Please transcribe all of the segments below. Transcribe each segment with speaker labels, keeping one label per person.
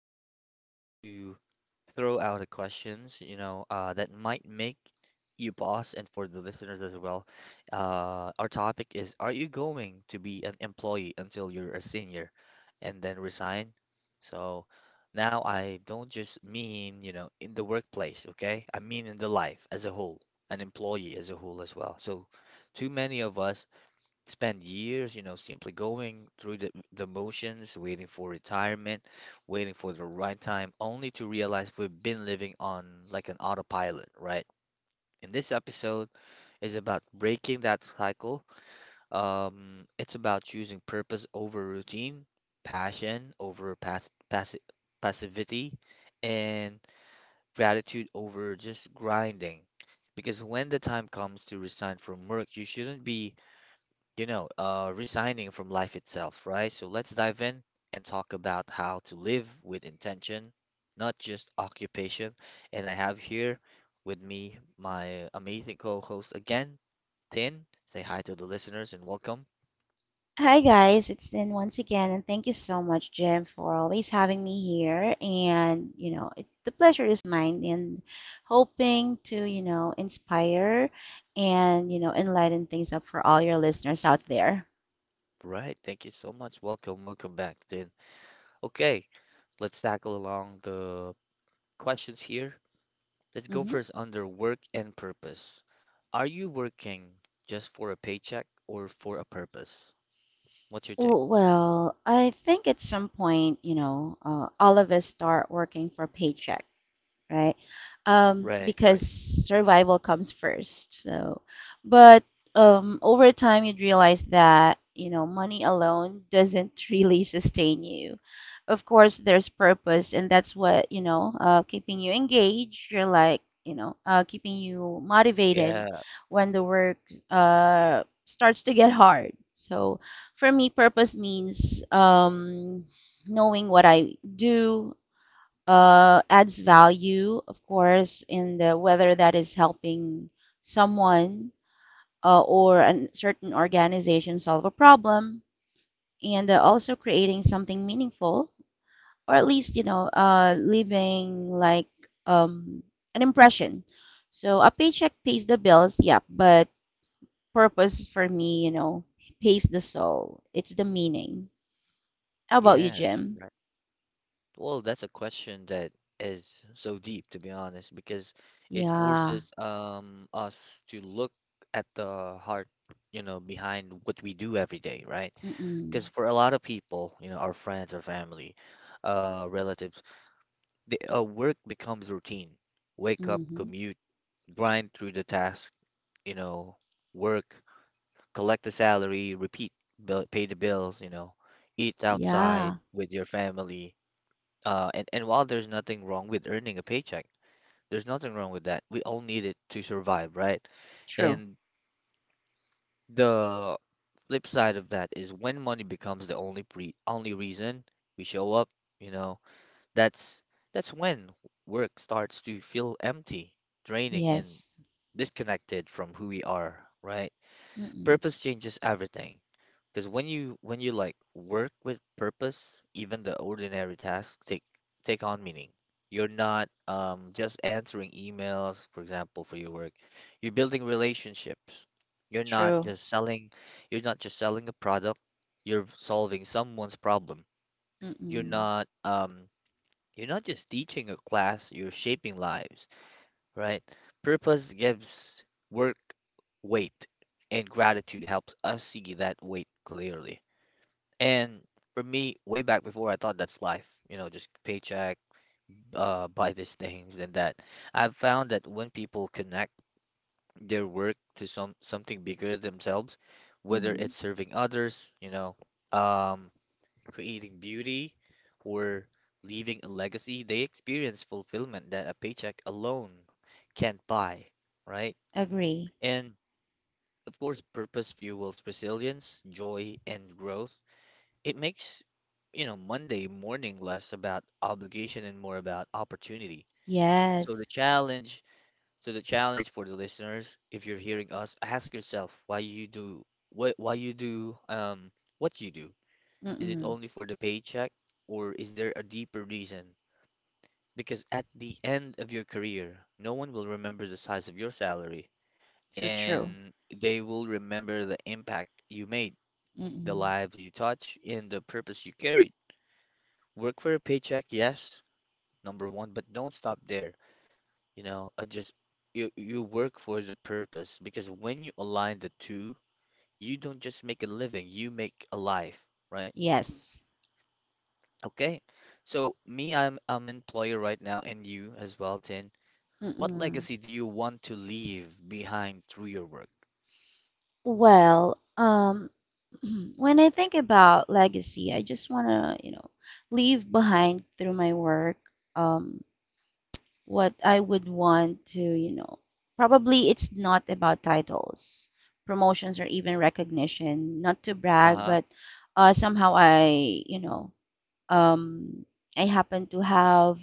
Speaker 1: Today, I want to throw out a questions, that might make you pause, and for the listeners as well. Our topic is: are you going to be an employee until you're a senior, and then resign? So now I don't just mean, in the workplace, okay? I mean in the life as a whole, an employee as a whole as well. So too many of us spend years, simply going through the motions, waiting for retirement, waiting for the right time, only to realize we've been living on like an autopilot, right? And this episode is about breaking that cycle. It's about choosing purpose over routine, passion over passivity, and gratitude over just grinding. Because when the time comes to resign from work, you shouldn't be resigning from life itself, right? So let's dive in and talk about how to live with intention, not just occupation. And I have here with me my amazing co-host again, Tin. Say hi to the listeners and welcome.
Speaker 2: Hi guys, it's Din once again, and thank you so much, Jim, for always having me here. And the pleasure is mine, and hoping to inspire and enlighten things up for all your listeners out there.
Speaker 1: Right, thank you so much. Welcome, welcome back, Tin. Okay, let's tackle along the questions here. Let's go
Speaker 2: Hmm.
Speaker 1: first under work and purpose. Are you working just for a paycheck or for a purpose? What's your take?
Speaker 2: Well, I think at some point, all of us start working for paychecks. Right?
Speaker 1: Right,
Speaker 2: Because
Speaker 1: right.
Speaker 2: survival comes first. So, but over time, you'd realize that money alone doesn't really sustain you. Of course, there's purpose, and that's what keeping you engaged. You're like keeping you motivated
Speaker 1: Yeah,
Speaker 2: when the work starts to get hard. So, for me, purpose means knowing what I do, adds value, of course, in the whether that is helping someone or a certain organization solve a problem, and also creating something meaningful, or at least leaving like um, an impression. So a paycheck pays the bills, yeah, but purpose for me, pays the soul. It's the meaning. How about you,
Speaker 1: yes,
Speaker 2: Jim?
Speaker 1: right. Well, that's a question that is so deep, to be honest, because it
Speaker 2: Yeah.
Speaker 1: forces us to look at the heart, behind what we do every day, right? Because
Speaker 2: Mm-mm.
Speaker 1: for a lot of people, our friends, our family, relatives, the work becomes routine. Wake up,
Speaker 2: Mm-hmm.
Speaker 1: commute, grind through the task, you know, work, collect the salary, repeat, bill, pay the bills, eat outside
Speaker 2: Yeah.
Speaker 1: with your family. And while there's nothing wrong with earning a paycheck, there's nothing wrong with that. We all need it to survive, right?
Speaker 2: True.
Speaker 1: And the flip side of that is when money becomes the only reason we show up, you know, that's that's when work starts to feel empty, draining, and
Speaker 2: Yes.
Speaker 1: disconnected from who we are, right?
Speaker 2: Mm-mm.
Speaker 1: Purpose changes everything. Because when you like work with purpose, even the ordinary tasks take on meaning. You're not just answering emails, for example, for your work. You're building relationships. You're not
Speaker 2: True.
Speaker 1: just selling, you're not just selling a product. You're solving someone's problem. You're
Speaker 2: Mm-mm.
Speaker 1: not um you're not just teaching a class, you're shaping lives, right? Purpose gives work weight, and gratitude helps us see that weight clearly. And for me, way back before, I thought that's life, just paycheck, buy these things and that. I've found that when people connect their work to something bigger than themselves, whether
Speaker 2: Mm-hmm.
Speaker 1: it's serving others, um, creating beauty or leaving a legacy, they experience fulfillment that a paycheck alone can't buy, right?
Speaker 2: Agree.
Speaker 1: And of course, purpose fuels resilience, joy, and growth. It makes, Monday morning less about obligation and more about opportunity. So the
Speaker 2: Yes.
Speaker 1: challenge, so the challenge for the listeners, if you're hearing us, ask yourself why you do what you do. Is it
Speaker 2: Mm-mm.
Speaker 1: only for the paycheck or is there a deeper reason? Because at the end of your career, no one will remember the size of your salary,
Speaker 2: So true.
Speaker 1: and they will remember the impact you made, the
Speaker 2: Mm-mm.
Speaker 1: lives you touch, and the purpose you carried. Work for a paycheck, yes, number one, but don't stop there. Just you work for the purpose, because when you align the two, you don't just make a living, you make a life, right?
Speaker 2: Yes.
Speaker 1: Okay. So me, I'm employer right now, and you as well, Tin. What
Speaker 2: Mm-mm.
Speaker 1: legacy do you want to leave behind through your work?
Speaker 2: Well, when I think about legacy, I just want to, leave behind through my work. um, what I would want to, probably it's not about titles, promotions, or even recognition, not to brag,
Speaker 1: Uh-huh.
Speaker 2: but somehow um, I happen to have,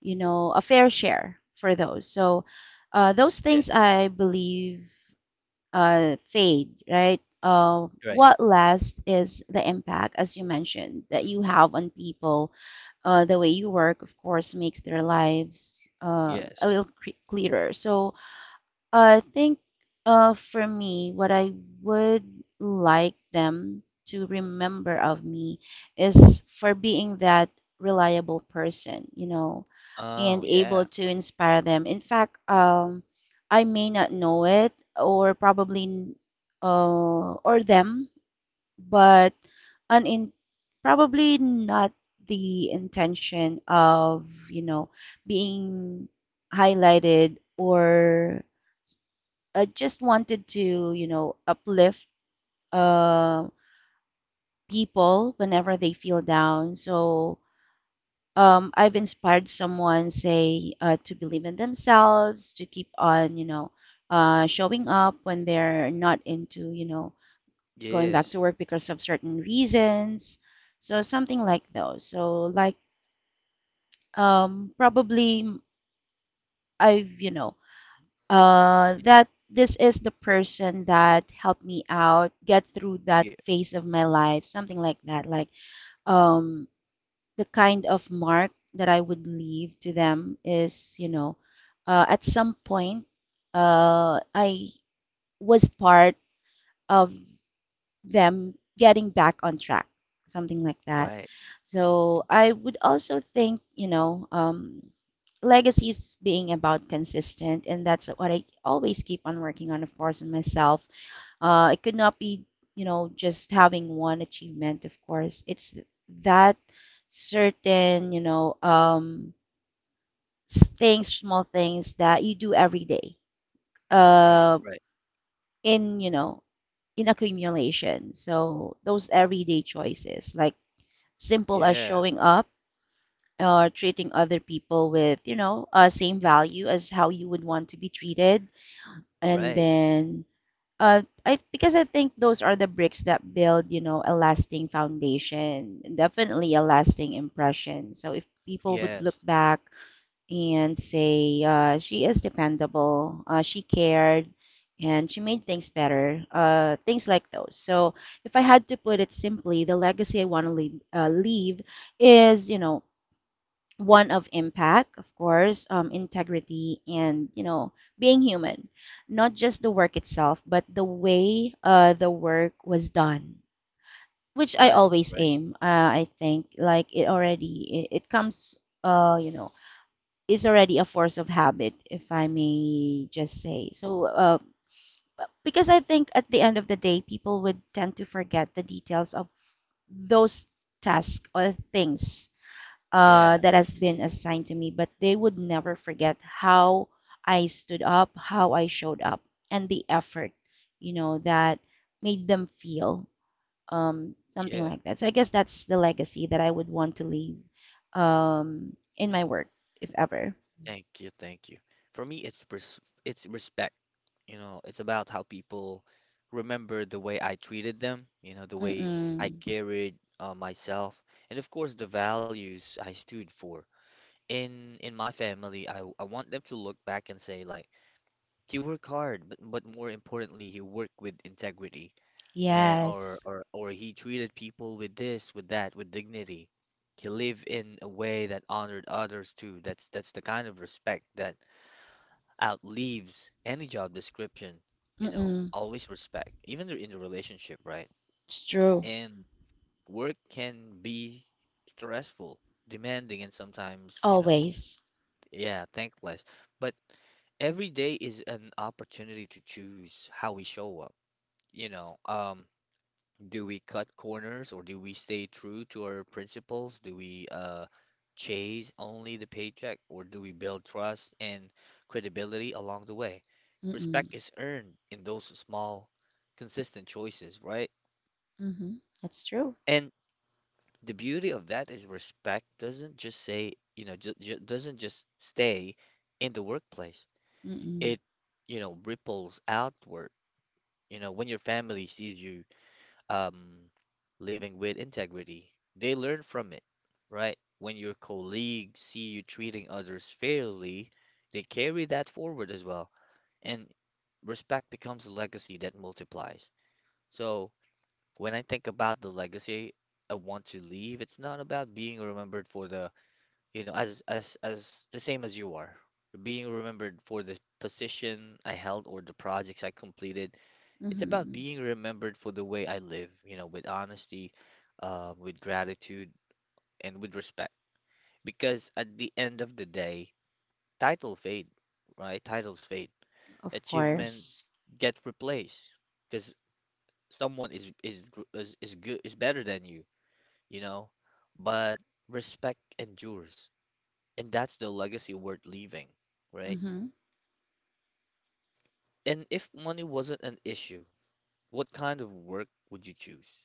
Speaker 2: a fair share for those. So those things
Speaker 1: Yes.
Speaker 2: I believe fade, right?
Speaker 1: Right.
Speaker 2: What lasts is the impact, as you mentioned, that
Speaker 1: Mm,
Speaker 2: you have on people. The way you work, of course, makes their lives a
Speaker 1: yes.
Speaker 2: little clearer. So I think for me, what I would like them to remember of me is for being that reliable person,
Speaker 1: Oh,
Speaker 2: and
Speaker 1: yeah.
Speaker 2: able to inspire them. In fact, I may not know it or probably or them, but an in, probably not the intention of, being highlighted or I just wanted to, uplift uh, people whenever they feel down. So I've inspired someone, say, to believe in themselves, to keep on, showing up when they're not into, going back to
Speaker 1: Yes.
Speaker 2: work because of certain reasons. So something like those. So like probably I've, you know, that this is the person that helped me out get through that
Speaker 1: Yeah.
Speaker 2: phase of my life, something like that. Like um, the kind of mark that I would leave to them is, at some point, I was part of them getting back on track, something like that.
Speaker 1: Right.
Speaker 2: So I would also think, legacy being about consistent, and that's what I always keep on working on, of course, in myself. It could not be, just having one achievement, of course. It's that certain, things, small things that you do every day.
Speaker 1: Right.
Speaker 2: Uh,
Speaker 1: Right.
Speaker 2: in you know in accumulation. So those everyday choices, like simple as
Speaker 1: Yeah.
Speaker 2: showing up or treating other people with, same value as how you would want to be treated. And
Speaker 1: Right.
Speaker 2: then, I because I think those are the bricks that build, a lasting foundation, and definitely a lasting impression. So if people would look
Speaker 1: Yes.
Speaker 2: back and say she is dependable, she cared, and she made things better, things like those. So if I had to put it simply, the legacy I want to leave is, one of impact, of course, integrity, and, being human. Not just the work itself, but the way the work was done. Which I
Speaker 1: Right,
Speaker 2: always
Speaker 1: right.
Speaker 2: aim, I think, like it comes, is already a force of habit, if I may just say. So, because I think at the end of the day, people would tend to forget the details of those tasks or things
Speaker 1: Yeah,
Speaker 2: that has been assigned to me, but they would never forget how I stood up, how I showed up, and the effort, that made them feel something
Speaker 1: yeah.
Speaker 2: like that. So I guess that's the legacy that I would want to leave in my work, if ever.
Speaker 1: Thank you, thank you. For me, it's respect. It's about how people remember the way I treated them, the way I
Speaker 2: Mm-mm.
Speaker 1: carried myself, and of course the values I stood for. In my family, I want them to look back and say like, he worked hard, but more importantly, he worked with integrity. And or
Speaker 2: Yes.
Speaker 1: or or he treated people with this, with that, with dignity. He lived in a way that honored others too. That's the kind of respect that outlives any job description, you know,
Speaker 2: Mm-mm.
Speaker 1: always respect, even in the relationship, right?
Speaker 2: It's true.
Speaker 1: And work can be stressful, demanding, and sometimes,
Speaker 2: Always.
Speaker 1: yeah, thankless. But every day is an opportunity to choose how we show up. You know, um, do we cut corners or do we stay true to our principles? Do we chase only the paycheck or do we build trust and credibility along the way?
Speaker 2: Mm-mm.
Speaker 1: Respect is earned in those small, consistent choices, right?
Speaker 2: Mm-hmm. That's true.
Speaker 1: And the beauty of that is respect doesn't just say, you know, ju ju- doesn't just stay in the workplace.
Speaker 2: Mm-mm.
Speaker 1: It ripples outward. When your family sees you um, living with integrity, they learn from it, right? When your colleagues see you treating others fairly, they carry that forward as well. And respect becomes a legacy that multiplies. So when I think about the legacy I want to leave, it's not about being remembered for the, you know, as the same as you are. Being remembered for the position I held or the projects I completed, it's about
Speaker 2: Mm-hmm.
Speaker 1: being remembered for the way I live, with honesty, with gratitude, and with respect. Because at the end of the day, title fade, right? Titles fade.
Speaker 2: Of
Speaker 1: Achievement
Speaker 2: course.
Speaker 1: get replaced because someone is gr- is good is better than you, you know. But respect endures, and that's the legacy worth leaving, right?
Speaker 2: Mm-hmm.
Speaker 1: And if money wasn't an issue, what kind of work would you choose?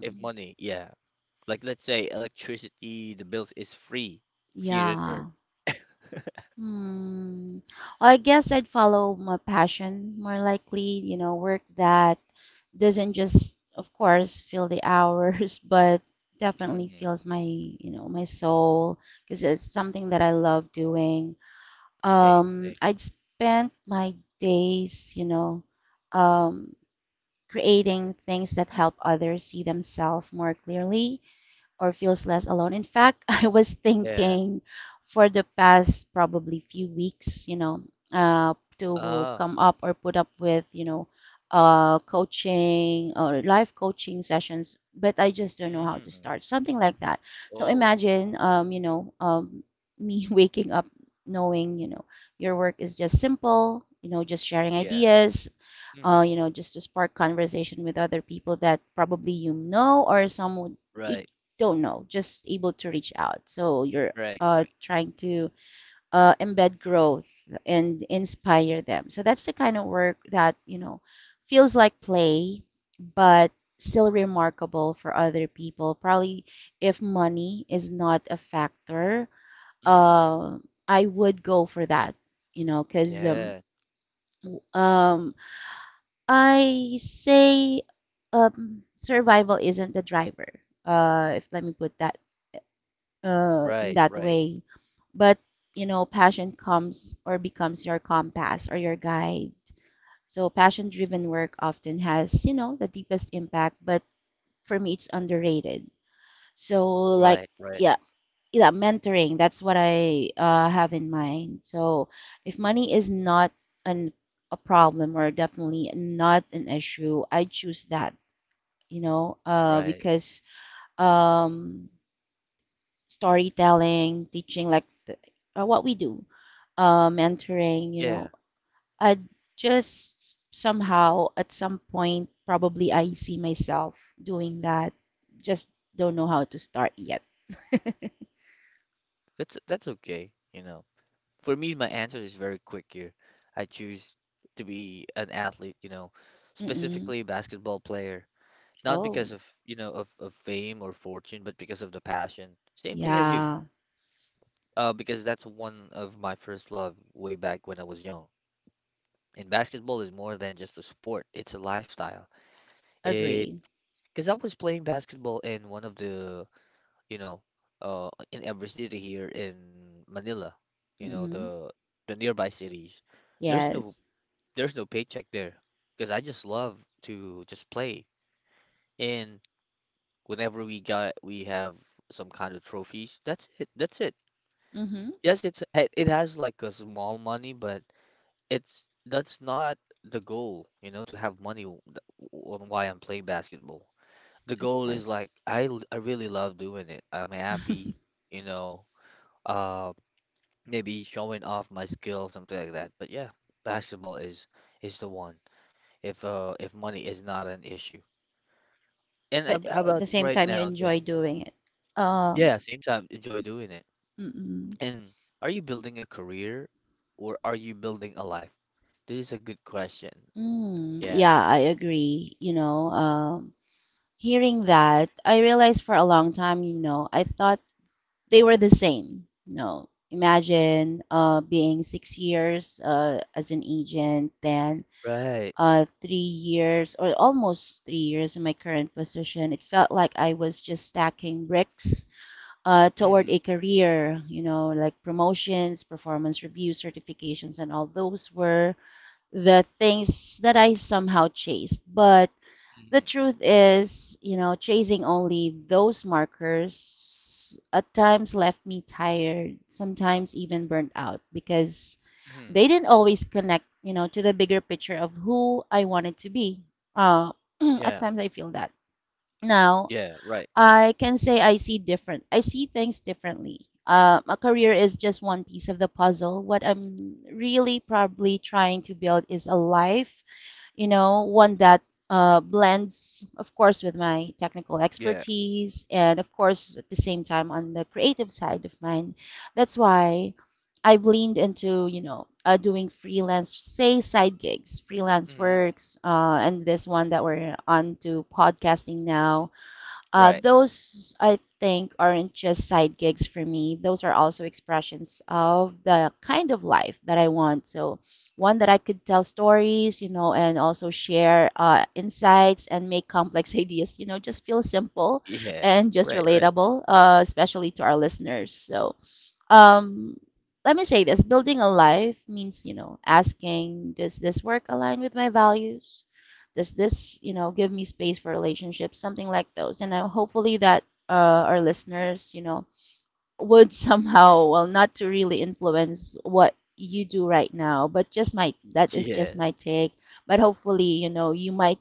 Speaker 1: If money, yeah. Like let's say electricity, the bills is free here in Earth.
Speaker 2: Yeah. Hmm. Well, I guess I'd follow my passion more likely, work that doesn't just, of course, fill the hours, but definitely
Speaker 1: Mm,
Speaker 2: fills my, my soul because it's something that I love doing.
Speaker 1: same, same.
Speaker 2: I'd spend my days, um, creating things that help others see themselves more clearly or feels less alone. In fact, I was
Speaker 1: Yeah.
Speaker 2: thinking for the past probably few weeks, to
Speaker 1: Ah.
Speaker 2: come up or put up with, coaching or live coaching sessions, but I just don't know how to
Speaker 1: Mm,
Speaker 2: start, something like that. So
Speaker 1: oh.
Speaker 2: imagine, me waking up knowing, your work is just simple, just sharing
Speaker 1: Yeah.
Speaker 2: ideas,
Speaker 1: Hmm.
Speaker 2: just to spark conversation with other people that probably you know or someone you
Speaker 1: Right.
Speaker 2: don't know, just able to reach out. So you're
Speaker 1: Right. Right.
Speaker 2: trying to embed growth and inspire them. So that's the kind of work that, feels like play, but still remarkable for other people. Probably if money is not a factor,
Speaker 1: Mm,
Speaker 2: uh, I would go for that, because
Speaker 1: yeah.
Speaker 2: w- um, I say survival isn't the driver. If let me put that in
Speaker 1: Right.
Speaker 2: that
Speaker 1: Right.
Speaker 2: way, but passion comes or becomes your compass or your guide. So passion-driven work often has the deepest impact, but for me it's underrated. So like,
Speaker 1: Right. Right.
Speaker 2: yeah. Yeah, mentoring. That's what I have in mind. So, if money is not an a problem or definitely not an issue, I choose that,
Speaker 1: Right.
Speaker 2: because um, storytelling, teaching, like the, what we do, mentoring,
Speaker 1: Yeah.
Speaker 2: I just somehow at some point probably I see myself doing that. Just don't know how to start yet.
Speaker 1: That's okay. For me, my answer is very quick here. I choose to be an athlete.
Speaker 2: Mm-mm.
Speaker 1: Specifically basketball player. Not
Speaker 2: Oh,
Speaker 1: because of you know of fame or fortune, but because of the passion. Same thing as you,
Speaker 2: yeah,
Speaker 1: because that's one of my first love way back when I was young. And basketball is more than just a sport. It's a lifestyle. It
Speaker 2: agree.
Speaker 1: Because I was playing basketball in one of the you know in every city here in Manila, you know
Speaker 2: Mm-mm.
Speaker 1: the the nearby cities. there's no
Speaker 2: Yes.
Speaker 1: there's no paycheck there, because I just love to just play. And whenever we have some kind of trophies. That's it. That's it.
Speaker 2: Mm-hmm.
Speaker 1: Yes, it has like a small money, but it's that's not the goal, to have money on why I'm playing basketball. The
Speaker 2: Of
Speaker 1: goal is
Speaker 2: course.
Speaker 1: like I really love doing it. I'm happy, you know, uh maybe showing off my skill, something like that. But yeah, basketball is the one if money is not an issue. And
Speaker 2: But
Speaker 1: how
Speaker 2: at
Speaker 1: about
Speaker 2: the same
Speaker 1: right
Speaker 2: time, you
Speaker 1: now then?
Speaker 2: enjoy doing it.
Speaker 1: Yeah,
Speaker 2: Um,
Speaker 1: same time enjoy doing it.
Speaker 2: mm-mm.
Speaker 1: And are you building a career or are you building a life? This is a good question.
Speaker 2: Mm,
Speaker 1: Yeah,
Speaker 2: yeah, I agree. Hearing that, I realized for a long time, I thought they were the same. You know, imagine being 6 years as an agent, then
Speaker 1: right.
Speaker 2: 3 years or almost 3 years in my current position. It felt like I was just stacking bricks toward
Speaker 1: Mm-hmm.
Speaker 2: a career, like promotions, performance reviews, certifications, and all those were the things that I somehow chased. But the
Speaker 1: Mm-hmm.
Speaker 2: truth is, chasing only those markers at times left me tired, sometimes even burnt out because
Speaker 1: Mm-hmm.
Speaker 2: they didn't always connect, to the bigger picture of who I wanted to be. Uh, at
Speaker 1: Yeah.
Speaker 2: times I feel that. Now,
Speaker 1: Yeah, right.
Speaker 2: I can say I see different. I see things differently. A career is just one piece of the puzzle. What I'm really probably trying to build is a life, one that blends, of course, with my technical
Speaker 1: Yeah.
Speaker 2: expertise and, of course, at the same time on the creative side of mine. That's why I've leaned into, doing freelance, say side gigs, freelance
Speaker 1: Mm-hmm.
Speaker 2: works, and this one that we're on to podcasting now. uh,
Speaker 1: Right.
Speaker 2: those, I think, aren't just side gigs for me. Those are also expressions of the kind of life that I want. So, one that I could tell stories, and also share insights and make complex ideas, just feel simple
Speaker 1: Yeah.
Speaker 2: and just
Speaker 1: Right, right.
Speaker 2: relatable, especially to our listeners. So, um, let me say this, building a life means, asking, does this work align with my values? Does this give me space for relationships, something like those, and hopefully that uh, our listeners would somehow, well, not to really influence what you do right now, but just my that is just
Speaker 1: Yeah.
Speaker 2: my take, but hopefully you might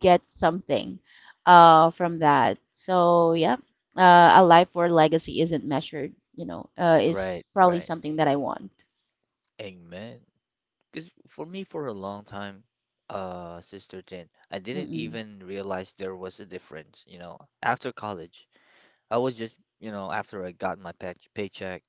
Speaker 2: get something from that, so yeah. A life where legacy isn't measured, is
Speaker 1: Right,
Speaker 2: probably
Speaker 1: right.
Speaker 2: something that I want.
Speaker 1: Amen. Because for me, for a long time, Sister Tin, I didn't
Speaker 2: Mm-mm.
Speaker 1: even realize there was a difference, after college. I was just, after I got my paycheck,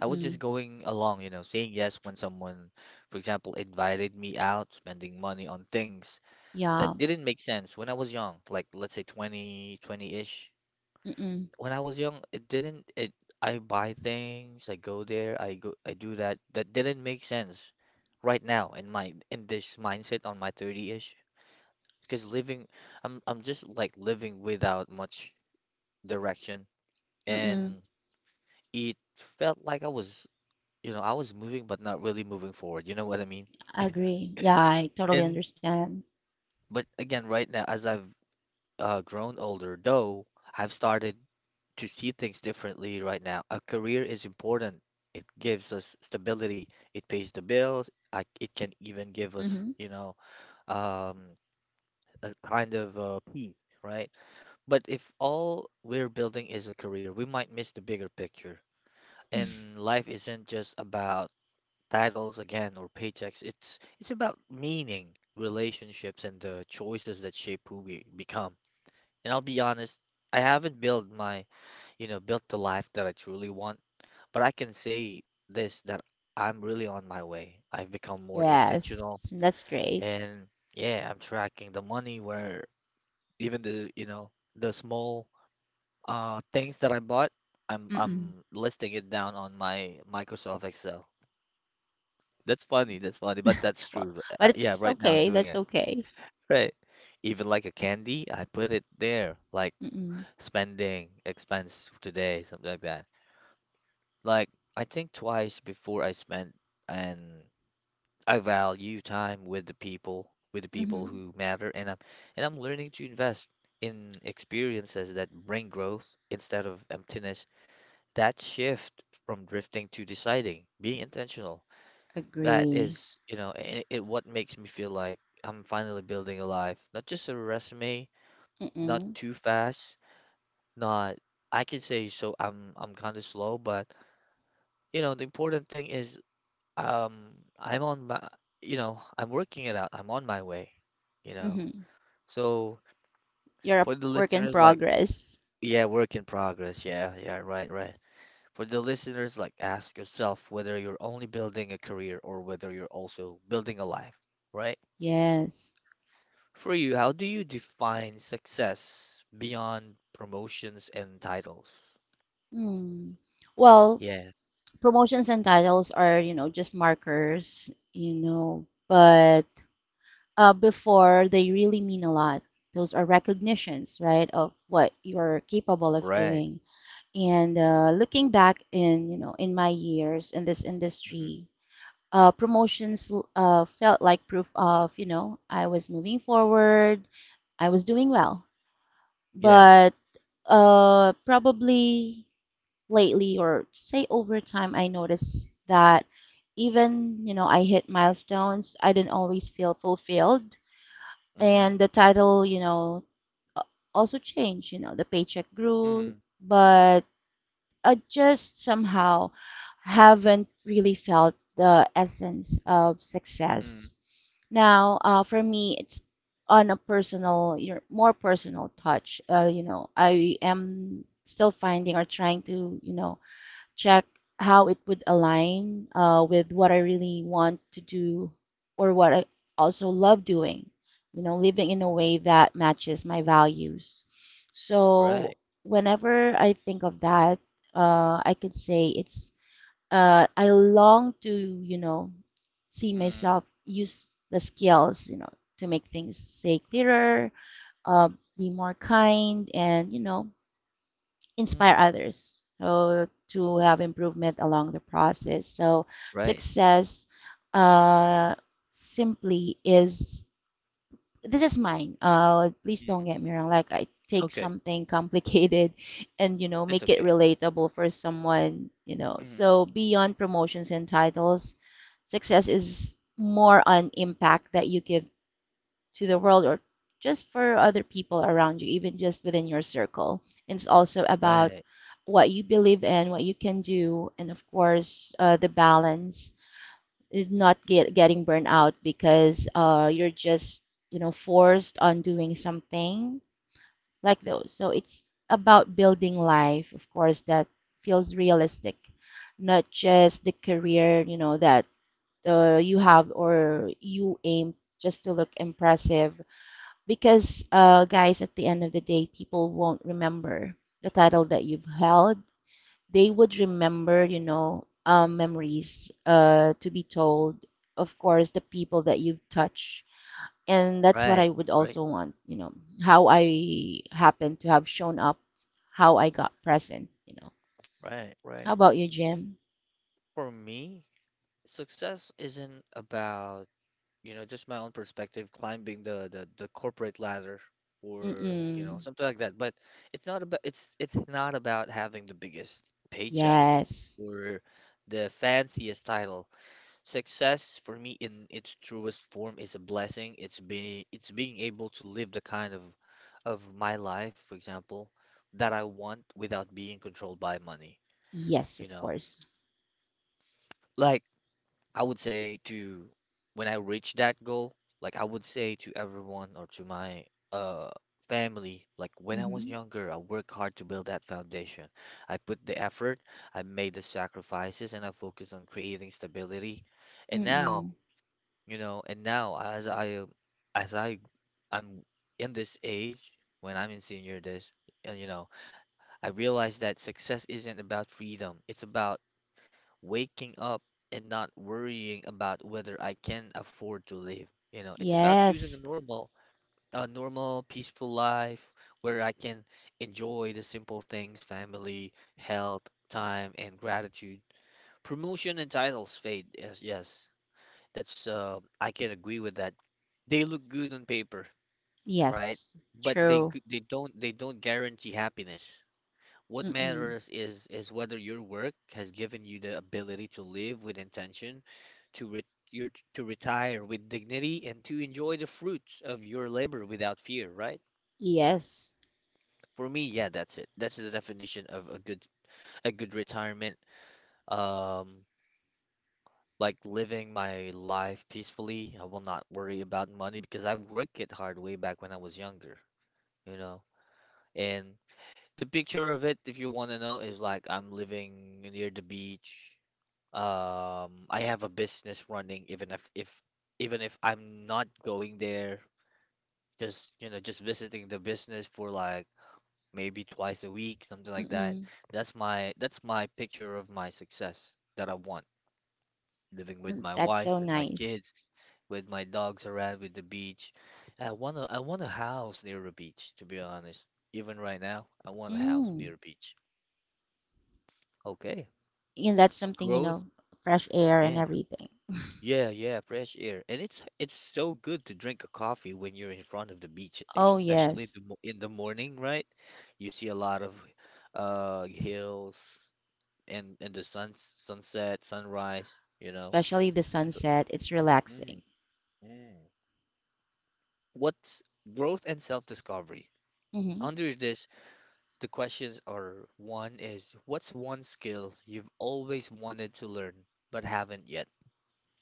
Speaker 1: I was just going along, saying yes when someone, for example, invited me out, spending money on things
Speaker 2: Yeah.
Speaker 1: that didn't make sense when I was young, like let's say 20, ish.
Speaker 2: Mm-mm.
Speaker 1: When I was young, it didn't it I buy things, I go there, I do that. That didn't make sense right now in my in this mindset on my 30-ish. Because living I'm just like living without much direction.
Speaker 2: Mm-mm.
Speaker 1: And it felt like I was moving but not really moving forward. You know what I mean?
Speaker 2: I agree. Yeah. I totally
Speaker 1: And
Speaker 2: understand.
Speaker 1: but again, right now, as I've grown older, though, I've started to see things differently right now. A career is important. It gives us stability. It pays the bills. It can even give us,
Speaker 2: Mm-hmm.
Speaker 1: um, a kind of peace, right? But if all we're building is a career, we might miss the bigger picture. And life isn't just about titles again or paychecks. It's about meaning, relationships, and the choices that shape who we become. And I'll be honest, I haven't built my, you know, built the life that I truly want, but I can say this that I'm really on my way. I've become more intentional
Speaker 2: Yes, that's great.
Speaker 1: and yeah, I'm tracking the money where even the, you know, the small things that I bought, I'm
Speaker 2: Mm-mm.
Speaker 1: I'm listing it down on my Microsoft Excel. That's funny. That's funny, but that's
Speaker 2: Well,
Speaker 1: true. Uh,
Speaker 2: but
Speaker 1: yeah,
Speaker 2: it's
Speaker 1: right now I'm
Speaker 2: okay.
Speaker 1: doing
Speaker 2: That's
Speaker 1: it.
Speaker 2: okay.
Speaker 1: Right. Even like a candy, I put it there, like
Speaker 2: Mm-mm.
Speaker 1: spending expense today, something like that. Like I think twice before I spent, and I value time with the people
Speaker 2: Mm-hmm.
Speaker 1: who matter, and I'm learning to invest in experiences that bring growth instead of emptiness. That shift from drifting to deciding, being intentional. That
Speaker 2: Agree.
Speaker 1: is, you know, it what makes me feel like I'm finally building a life. Not just a resume, not
Speaker 2: Mm-mm.
Speaker 1: too fast, not I can say I'm kind of slow, but you know, the important thing is um I'm on my, I'm working it out. I'm on my way, you know.
Speaker 2: Mm-hmm.
Speaker 1: So
Speaker 2: You're a
Speaker 1: for the
Speaker 2: work in
Speaker 1: listeners like
Speaker 2: progress.
Speaker 1: yeah, work in progress. Yeah, yeah, right, right. For the listeners, like, ask yourself whether you're only building a career or whether you're also building a life, right?
Speaker 2: Yes.
Speaker 1: For you, how do you define success beyond promotions and titles?
Speaker 2: Mm. Well,
Speaker 1: Yeah,
Speaker 2: promotions and titles are, just markers, but before they really mean a lot. Those are recognitions, right, of what you're capable of
Speaker 1: right.
Speaker 2: doing. And looking back in my years in this
Speaker 1: Hmm.
Speaker 2: industry, promotions felt like proof of, you know, I was moving forward, I was doing well.
Speaker 1: Yeah.
Speaker 2: But probably lately, or say over time, I noticed that even, you know, I hit milestones, I didn't always feel fulfilled. And
Speaker 1: Hmm.
Speaker 2: the title, you know, also changed, you know, the paycheck grew,
Speaker 1: Hmm.
Speaker 2: but I just somehow haven't really felt the essence of
Speaker 1: Hmm.
Speaker 2: success. Now, for me, it's on a personal, your more personal touch. You know, I am still finding or trying to, you know, check how it would align with what I really want to do or what I also love doing, you know, living in a
Speaker 1: Hmm.
Speaker 2: way that matches my values. So
Speaker 1: Right.
Speaker 2: whenever I think of that, I could say it's I long to, you know, see
Speaker 1: Mm-hmm.
Speaker 2: myself use the skills, you know, to make things say clearer, uh, be more kind, and you know, inspire
Speaker 1: Mm-hmm.
Speaker 2: others so to have improvement along the process so
Speaker 1: Right.
Speaker 2: success uh simply is this is mine please don't
Speaker 1: Hmm.
Speaker 2: get me wrong like I take
Speaker 1: Okay,
Speaker 2: something complicated and you know
Speaker 1: that's
Speaker 2: make it
Speaker 1: okay.
Speaker 2: relatable for someone you know
Speaker 1: Hmm.
Speaker 2: so beyond promotions and titles success is more on impact that you give to the world or just for other people around you, even just within your circle. It's also about
Speaker 1: Right.
Speaker 2: what you believe in, what you can do, and of course, the balance, not get, getting burned out because you're just, you know, forced on doing something like those. So it's about building life, of course, that feels realistic, not just the career, you know, that you have or you aim just to look impressive because, guys, at the end of the day, people won't remember the title that you've held. They would remember, you know, memories to be told, of course, the people that you've touched. And that's what
Speaker 1: Right.
Speaker 2: I would
Speaker 1: Right.
Speaker 2: also want, you know, how I happen to have shown up, how I got present, you know.
Speaker 1: Right.
Speaker 2: How
Speaker 1: Right.
Speaker 2: about you, Jim?
Speaker 1: For me, success isn't about just my own perspective, climbing the corporate ladder or, you know,
Speaker 2: Mm-mm.
Speaker 1: something like that. But it's not about having the biggest paycheck
Speaker 2: Yes.
Speaker 1: or the fanciest title. Success for me in its truest form is a blessing. It's being able to live the kind of my life, for example, that I want without being controlled by money,
Speaker 2: Yes,
Speaker 1: you
Speaker 2: of
Speaker 1: know.
Speaker 2: course.
Speaker 1: Like I would say to when I reach that goal, like I would say to everyone or to my uh family, like when I was
Speaker 2: Mm-hmm.
Speaker 1: younger, I worked hard to build that foundation. I put the effort, I made the sacrifices, and I focused on creating stability. And
Speaker 2: Mm-mm.
Speaker 1: now, you know, and now as I'm in this age, when I'm in senior days, you know, I realize that success isn't about freedom. It's about waking up and not worrying about whether I can afford to live. You know, it's about choosing
Speaker 2: Yes.
Speaker 1: a normal, peaceful life where I can enjoy the simple things, family, health, time, and gratitude. Promotion and titles fade. Yes, yes. That's I can agree with that. They look good on paper, right?
Speaker 2: Yes.
Speaker 1: But
Speaker 2: True.
Speaker 1: they don't guarantee happiness. What
Speaker 2: Mm-mm.
Speaker 1: matters is whether your work has given you the ability to live with intention, to re your, to retire with dignity, and to enjoy the fruits of your labor without fear, right?
Speaker 2: Yes.
Speaker 1: For me, yeah, that's it. That's the definition of a good retirement. Um, like living my life peacefully. I will not worry about money because I worked it hard way back when I was younger, you know. And the picture of it, if you want to know, is like I'm living near the beach. I have a business running even if I'm not going there, just you know, just visiting the business for like maybe twice a week, something like that.
Speaker 2: Mm-mm.
Speaker 1: That's my picture of my success that I want. Living with
Speaker 2: Mm,
Speaker 1: my
Speaker 2: that's
Speaker 1: wife,
Speaker 2: so
Speaker 1: with my
Speaker 2: nice.
Speaker 1: kids, with my dogs around, with the beach. I want a house near a beach, to be honest. Even right now, I want a house
Speaker 2: Mm.
Speaker 1: near a beach. Okay.
Speaker 2: And that's something, you know,
Speaker 1: Growth?
Speaker 2: fresh air and everything.
Speaker 1: Yeah, yeah, fresh air. And it's so good to drink a coffee when you're in front of the beach,
Speaker 2: Oh,
Speaker 1: especially
Speaker 2: yes.
Speaker 1: in the morning, right? You see a lot of hills and the sun sunset, sunrise, you know.
Speaker 2: Especially the
Speaker 1: That's
Speaker 2: sunset. It's
Speaker 1: a- mm,
Speaker 2: relaxing.
Speaker 1: mm. What's growth and self-discovery?
Speaker 2: Mm-hmm.
Speaker 1: Under this, the questions are one is what's one skill you've always wanted to learn but haven't yet?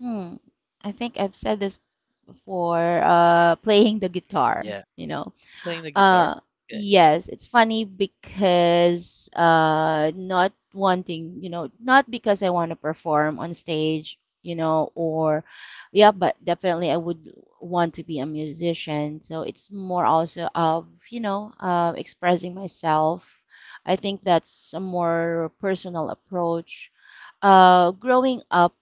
Speaker 2: Mm. I think I've said this before, playing the
Speaker 1: Mm.
Speaker 2: guitar,
Speaker 1: Yeah,
Speaker 2: you know.
Speaker 1: playing the guitar.
Speaker 2: Uh,
Speaker 1: Okay.
Speaker 2: yes, it's funny because not wanting, you know, not because I want to perform on stage, you know, or yeah, but definitely I would want to be a musician. So it's more also of, you know, expressing myself. I think that's a more personal approach. Growing up,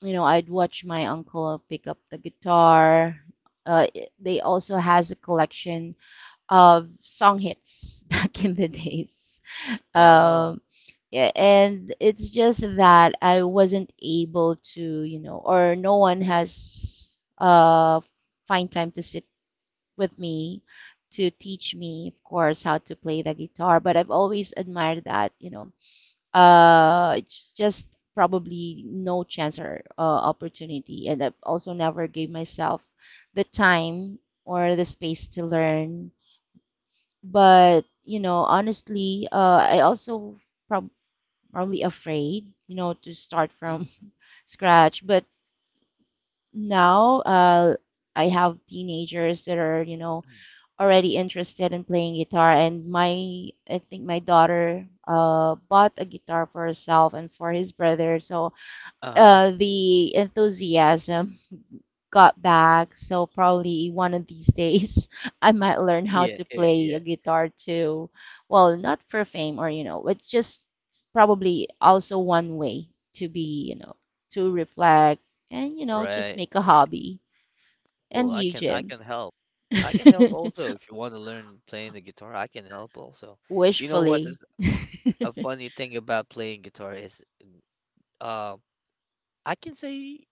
Speaker 2: you know, I'd watch my uncle pick up the guitar. They also has a collection of song hits back in the days.
Speaker 1: Oh.
Speaker 2: Um, yeah, and it's just that I wasn't able to, you know, or no one has find time to sit with me to teach me, of course, how to play the guitar. But I've always admired that, you know, it's just probably no chance or opportunity, and I've also never gave myself the time or the space to learn but, you know, honestly, I also prob probably afraid, you know, to start
Speaker 1: Mm,
Speaker 2: from scratch. But now, I have teenagers that are, you know,
Speaker 1: mm.
Speaker 2: already interested in playing guitar, and I think my daughter, bought a guitar for herself and for his brother. So,
Speaker 1: Uh-huh.
Speaker 2: the enthusiasm got back. So probably one of these days I might learn how
Speaker 1: Yeah,
Speaker 2: to
Speaker 1: yeah,
Speaker 2: play
Speaker 1: yeah.
Speaker 2: a guitar too. Well, not for fame or you know, it's just probably also one way to be, you know, to reflect and you know, just
Speaker 1: Right,
Speaker 2: make a
Speaker 1: right.
Speaker 2: hobby.
Speaker 1: Well,
Speaker 2: And you,
Speaker 1: I
Speaker 2: Jim?
Speaker 1: can help. I can help also if you want to learn playing the guitar, I can help also. You know what is
Speaker 2: Wishfully.
Speaker 1: a funny thing about playing guitar is uh, I can say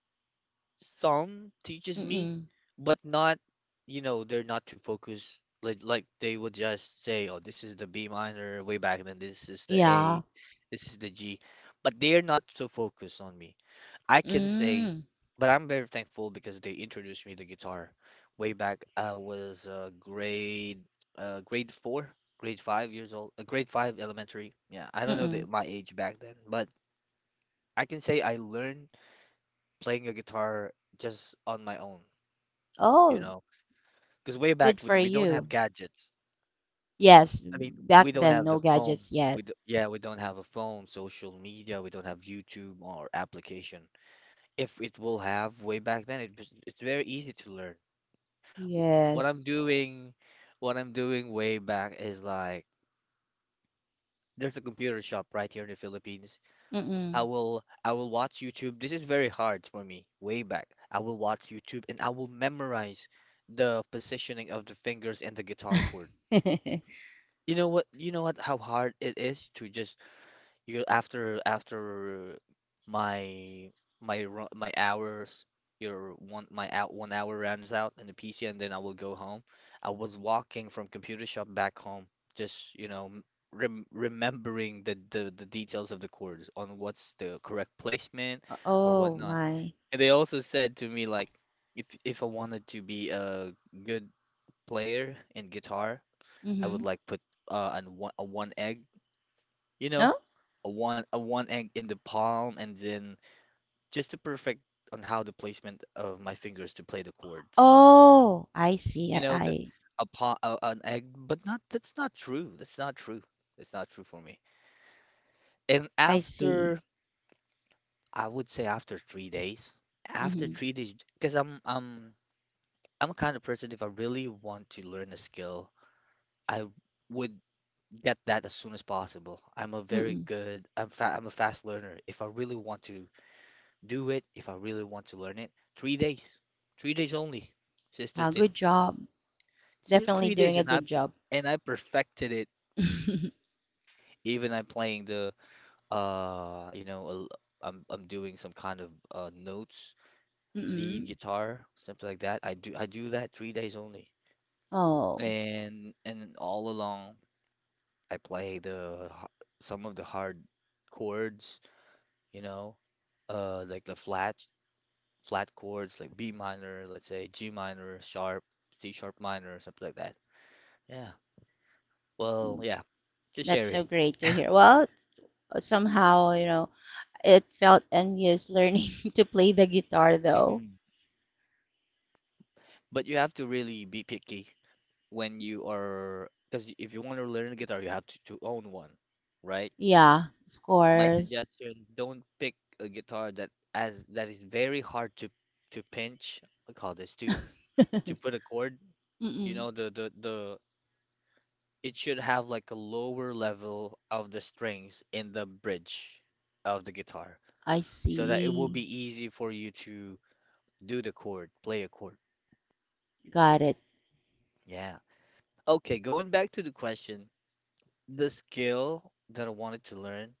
Speaker 1: some teaches me,
Speaker 2: Mm-mm.
Speaker 1: but not, you know, they're not too focused. Like they would just say, "Oh, this is the B minor way back and then, this is the A,
Speaker 2: Yeah.
Speaker 1: this is the G." But they're not so focused on me. I can say,
Speaker 2: Mm.
Speaker 1: but I'm very thankful because they introduced me to guitar way back. I was grade four, grade 5 years old, grade five elementary. Yeah, I don't know
Speaker 2: Mm-mm.
Speaker 1: my age back then, but I can say I learned playing a guitar just on my own, you
Speaker 2: Oh,
Speaker 1: know, because way
Speaker 2: good
Speaker 1: back
Speaker 2: for
Speaker 1: we don't
Speaker 2: you.
Speaker 1: have gadgets.
Speaker 2: Yes,
Speaker 1: I mean,
Speaker 2: back
Speaker 1: we don't
Speaker 2: then
Speaker 1: have the
Speaker 2: no
Speaker 1: phone.
Speaker 2: gadgets
Speaker 1: We
Speaker 2: yet.
Speaker 1: do, yeah, we don't have a phone, social media. We don't have YouTube or application if it will have way back then it was, it's very easy to learn what I'm
Speaker 2: Yes.
Speaker 1: doing, what I'm doing way back is like there's a computer shop right here in the Philippines.
Speaker 2: Mm-mm.
Speaker 1: I will watch YouTube. This is very hard for me way back. I will watch YouTube and I will memorize the positioning of the fingers and the guitar chord. You know what? You know what? How hard it is to just you after after my my ru- my hours your one my out 1 hour runs out in the PC and then I will go home. I was walking from computer shop back home, just you know remembering the details of the chords on what's the correct placement or
Speaker 2: Oh
Speaker 1: whatnot.
Speaker 2: my.
Speaker 1: And they also said to me like if I wanted to be a good player in guitar, I
Speaker 2: Mm-hmm.
Speaker 1: would like put an one a one egg you know,
Speaker 2: No?
Speaker 1: a one egg in the palm and then just to perfect on how the placement of my fingers to play the chords.
Speaker 2: Oh, I see.
Speaker 1: You know, the a palm a, an egg, but not that's not true. That's not true. That's not true for me. And
Speaker 2: I see.
Speaker 1: after I would say after 3 days, after
Speaker 2: Mm-hmm.
Speaker 1: 3 days, because I'm a kind of person if I really want to learn a skill, I would get that as soon as possible.
Speaker 2: Mm-mm.
Speaker 1: I'm a fast learner. If I really want to do it if I really want to learn it. 3 days, 3 days only, Sister
Speaker 2: Wow, good
Speaker 1: Tin.
Speaker 2: job. Definitely
Speaker 1: Three
Speaker 2: doing
Speaker 1: days,
Speaker 2: a
Speaker 1: and
Speaker 2: good job.
Speaker 1: I perfected it. Even I'm playing the you know, I'm doing some kind of notes, lead
Speaker 2: Mm-mm.
Speaker 1: guitar, something like that. I do that 3 days only,
Speaker 2: Oh,
Speaker 1: and all along I play some of the hard chords, you know, like the flat flat chords like B minor, let's say G minor, sharp, C sharp minor, something like that. Yeah. Well,
Speaker 2: mm,
Speaker 1: yeah, just
Speaker 2: that's so
Speaker 1: sharing.
Speaker 2: great to hear. Well, somehow, you know, it felt envious learning to play the guitar though.
Speaker 1: Mhm. But you have to really be picky when you are, because if you want to learn a guitar, you have to own one, right?
Speaker 2: Yeah, of
Speaker 1: My
Speaker 2: course.
Speaker 1: suggestion, don't pick a guitar that as that is very hard to pinch. I call this to put a chord. You
Speaker 2: Mm-mm.
Speaker 1: know the it should have like a lower level of the strings in the bridge of the guitar
Speaker 2: I
Speaker 1: so that it will
Speaker 2: see.
Speaker 1: be easy for you to do the chord, play a chord.
Speaker 2: Got it.
Speaker 1: Yeah. Okay, going back to the question, the skill that I wanted to learn,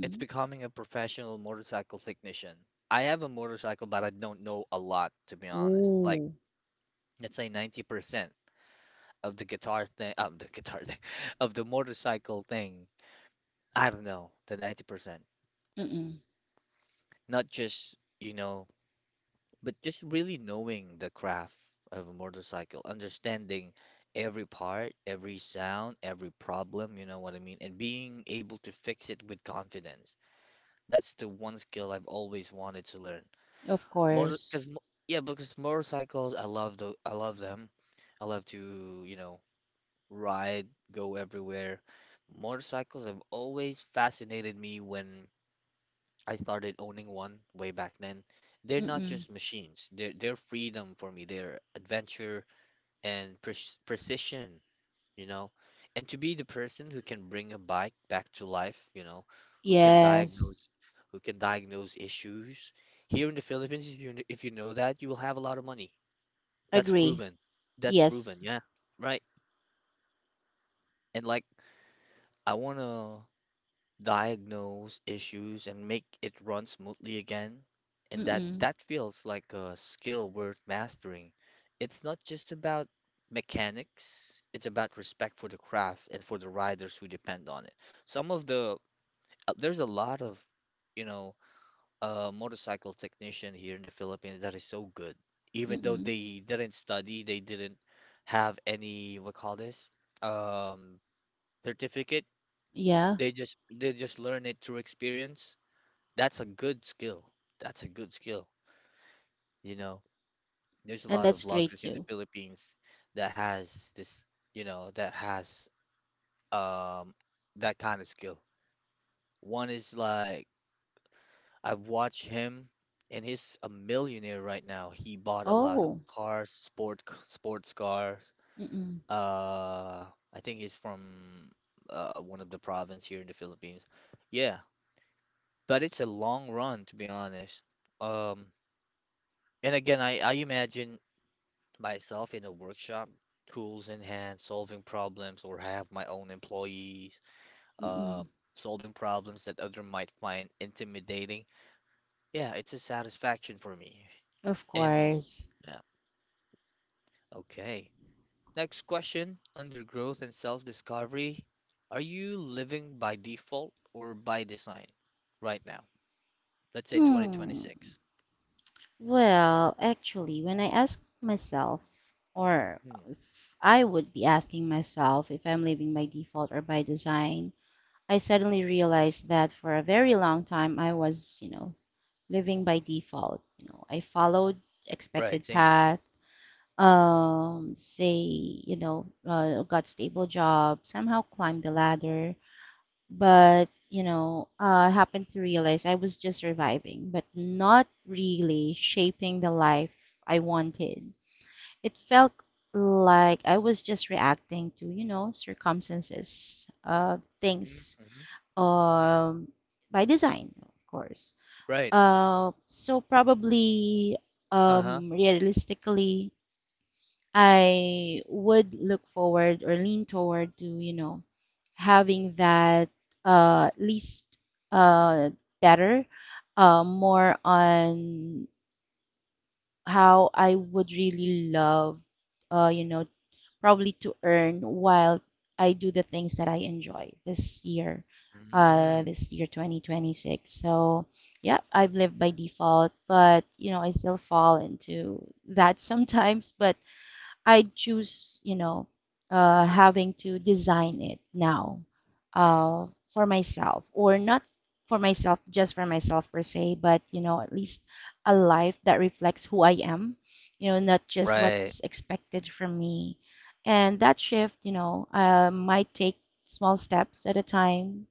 Speaker 1: it's becoming a professional motorcycle technician. I have a motorcycle, but I don't know a lot to be honest. Like,
Speaker 2: Ooh.
Speaker 1: let's say 90% of the guitar thing, of the guitar thing, of the motorcycle thing. I don't know, the 90%.
Speaker 2: Mm-mm.
Speaker 1: Not just you know, but just really knowing the craft of a motorcycle, understanding every part, every sound, every problem, you know what I mean, and being able to fix it with confidence. That's the one skill I've always wanted to learn.
Speaker 2: Of
Speaker 1: Motor,
Speaker 2: course.
Speaker 1: because yeah, because motorcycles, I love I love them. I love to, you know, ride, go everywhere. Motorcycles have always fascinated me when I started owning one way back then. They're not
Speaker 2: Mm-mm.
Speaker 1: just machines. They're freedom for me. They're adventure and precision, you know. And to be the person who can bring a bike back to life, you know, who can
Speaker 2: Yes.
Speaker 1: diagnose who can diagnose issues. Here in the Philippines, if you know that, you will have a lot of money. That's
Speaker 2: Agree.
Speaker 1: proven. That's
Speaker 2: Yes.
Speaker 1: proven. Yeah. Right. And like I wanna diagnose issues and make it run smoothly again. And that
Speaker 2: Mm-mm.
Speaker 1: that feels like a skill worth mastering. It's not just about mechanics, it's about respect for the craft and for the riders who depend on it. Some of the there's a lot of, you know, motorcycle technician here in the Philippines that is so good. Even though
Speaker 2: Mm-mm.
Speaker 1: they didn't study, they didn't have any what call this? Um Certificate.
Speaker 2: Yeah.
Speaker 1: They just learn it through experience. That's a good skill. That's a good skill. You know, there's a
Speaker 2: And
Speaker 1: lot of
Speaker 2: that's great
Speaker 1: vloggers in the
Speaker 2: too.
Speaker 1: Philippines that has this, you know, that has um that kind of skill. One is like I've watched him, and he's a millionaire right now. He bought a lot of
Speaker 2: Oh.
Speaker 1: cars, sports cars.
Speaker 2: Mm-mm.
Speaker 1: Uh I think he's from one of the province here in the Philippines. Yeah, but it's a long run to be honest. Um and again, I imagine myself in a workshop, tools in hand, solving problems, or have my own employees, uh,
Speaker 2: Mm-mm.
Speaker 1: solving problems that other might find intimidating. Yeah, it's a satisfaction for me.
Speaker 2: Of
Speaker 1: And
Speaker 2: course.
Speaker 1: yeah, okay. Next question, under growth and self-discovery, are you living by default or by design right now? Let's say
Speaker 2: Hmm.
Speaker 1: 2026.
Speaker 2: Well, actually, when I ask myself, or
Speaker 1: Hmm.
Speaker 2: I would be asking myself if I'm living by default or by design, I suddenly realized that for a very long time I was, you know, living by default. You know, I followed
Speaker 1: Right,
Speaker 2: expected
Speaker 1: same.
Speaker 2: path say, you know, got stable job, somehow climbed the ladder. But, you know, I happened to realize I was just surviving, but not really shaping the life I wanted. It felt like I was just reacting to, you know, circumstances,
Speaker 1: hmm
Speaker 2: things,
Speaker 1: hmm
Speaker 2: um, by design, of course.
Speaker 1: Right.
Speaker 2: So probably,
Speaker 1: Uh-huh.
Speaker 2: realistically, I would look forward or lean toward to, you know, having that least uh, better, more on how I would really love, you know, probably to earn while I do the things that I enjoy
Speaker 1: Mm,
Speaker 2: this year 2026. So, yeah, I've lived by default, but, you know, I still fall into that sometimes, but I choose, you know, having to design it now uh, for myself, or not for myself, just for myself per se, but you know, at least a life that reflects who I am, you know, not just
Speaker 1: right.
Speaker 2: what's expected from me. And that shift, you know, might take small steps at a time,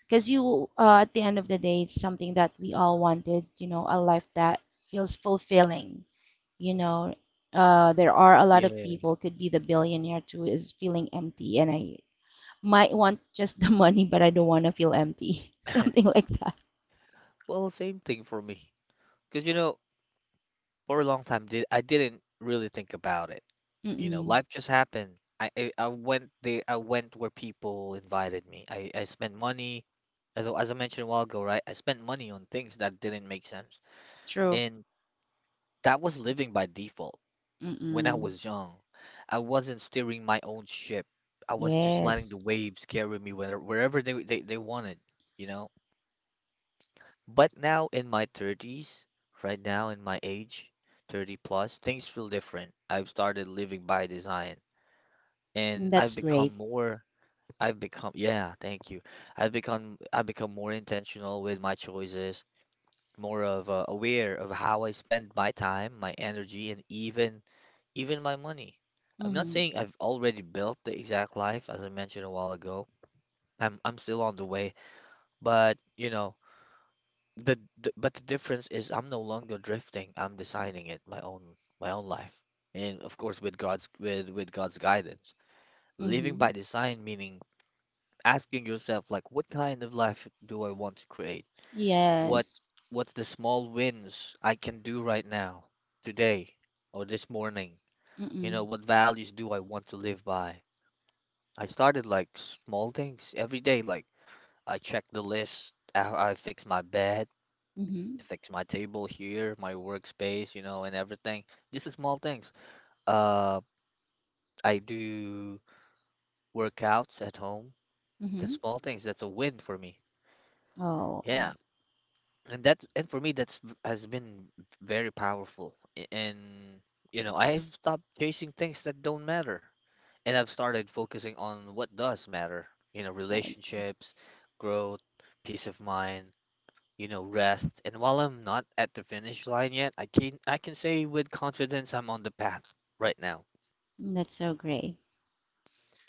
Speaker 2: because you, at the end of the day, it's something that we all wanted, you know, a life that feels fulfilling. You know, there are a lot of
Speaker 1: Yeah.
Speaker 2: people, could be the billionaire too, is feeling empty. And I might want just the money, but I don't want to feel empty. Something like that.
Speaker 1: Well, same thing for me. Because, you know, for a long time, did I didn't really think about it. You know,
Speaker 2: Mm-mm.
Speaker 1: life just happened. I went there. I went where people invited me. I spent money, as I mentioned a while ago, right? I spent money on things that didn't make sense,
Speaker 2: True.
Speaker 1: and that was living by default when I
Speaker 2: Mm-mm.
Speaker 1: was young. I wasn't steering my own ship. I was just letting the
Speaker 2: Yes.
Speaker 1: waves carry me wherever they wanted. You know. But now in my 30s, right now in my age, 30 plus, things feel different. I've started living by design, and
Speaker 2: That's great.
Speaker 1: I've become, yeah, thank you. I've become more intentional with my choices, more of aware of how I spend my time, my energy, and even my money. I'm not
Speaker 2: Mm-hmm.
Speaker 1: saying I've already built the exact life as I mentioned a while ago. I'm still on the way, but you know, the but the difference is I'm no longer drifting. I'm designing it my own life, and of course with God's with God's guidance. Living
Speaker 2: Mm-hmm.
Speaker 1: by design meaning asking yourself like, what kind of life do I want to create? What
Speaker 2: Yes.
Speaker 1: what's the small wins I can do right now, today, or this morning? You know,
Speaker 2: Mm-mm.
Speaker 1: what values do I want to live by? I started like small things every day, like I check the list, I fix my bed.
Speaker 2: Mm-hmm.
Speaker 1: Fix my table here, my workspace, you know, and everything. Just the small things. Uh, I do workouts at home. The
Speaker 2: Mm-hmm.
Speaker 1: small things, that's a win for me. Yeah.
Speaker 2: Oh,
Speaker 1: And that, and for me that's has been very powerful. And you know, I've stopped chasing things that don't matter. And I've started focusing on what does matter. You know,
Speaker 2: that-
Speaker 1: relationships, growth, peace of mind, you know, rest. And while I'm not at the finish line yet, I can say with confidence I'm on the path right now.
Speaker 2: that's so great.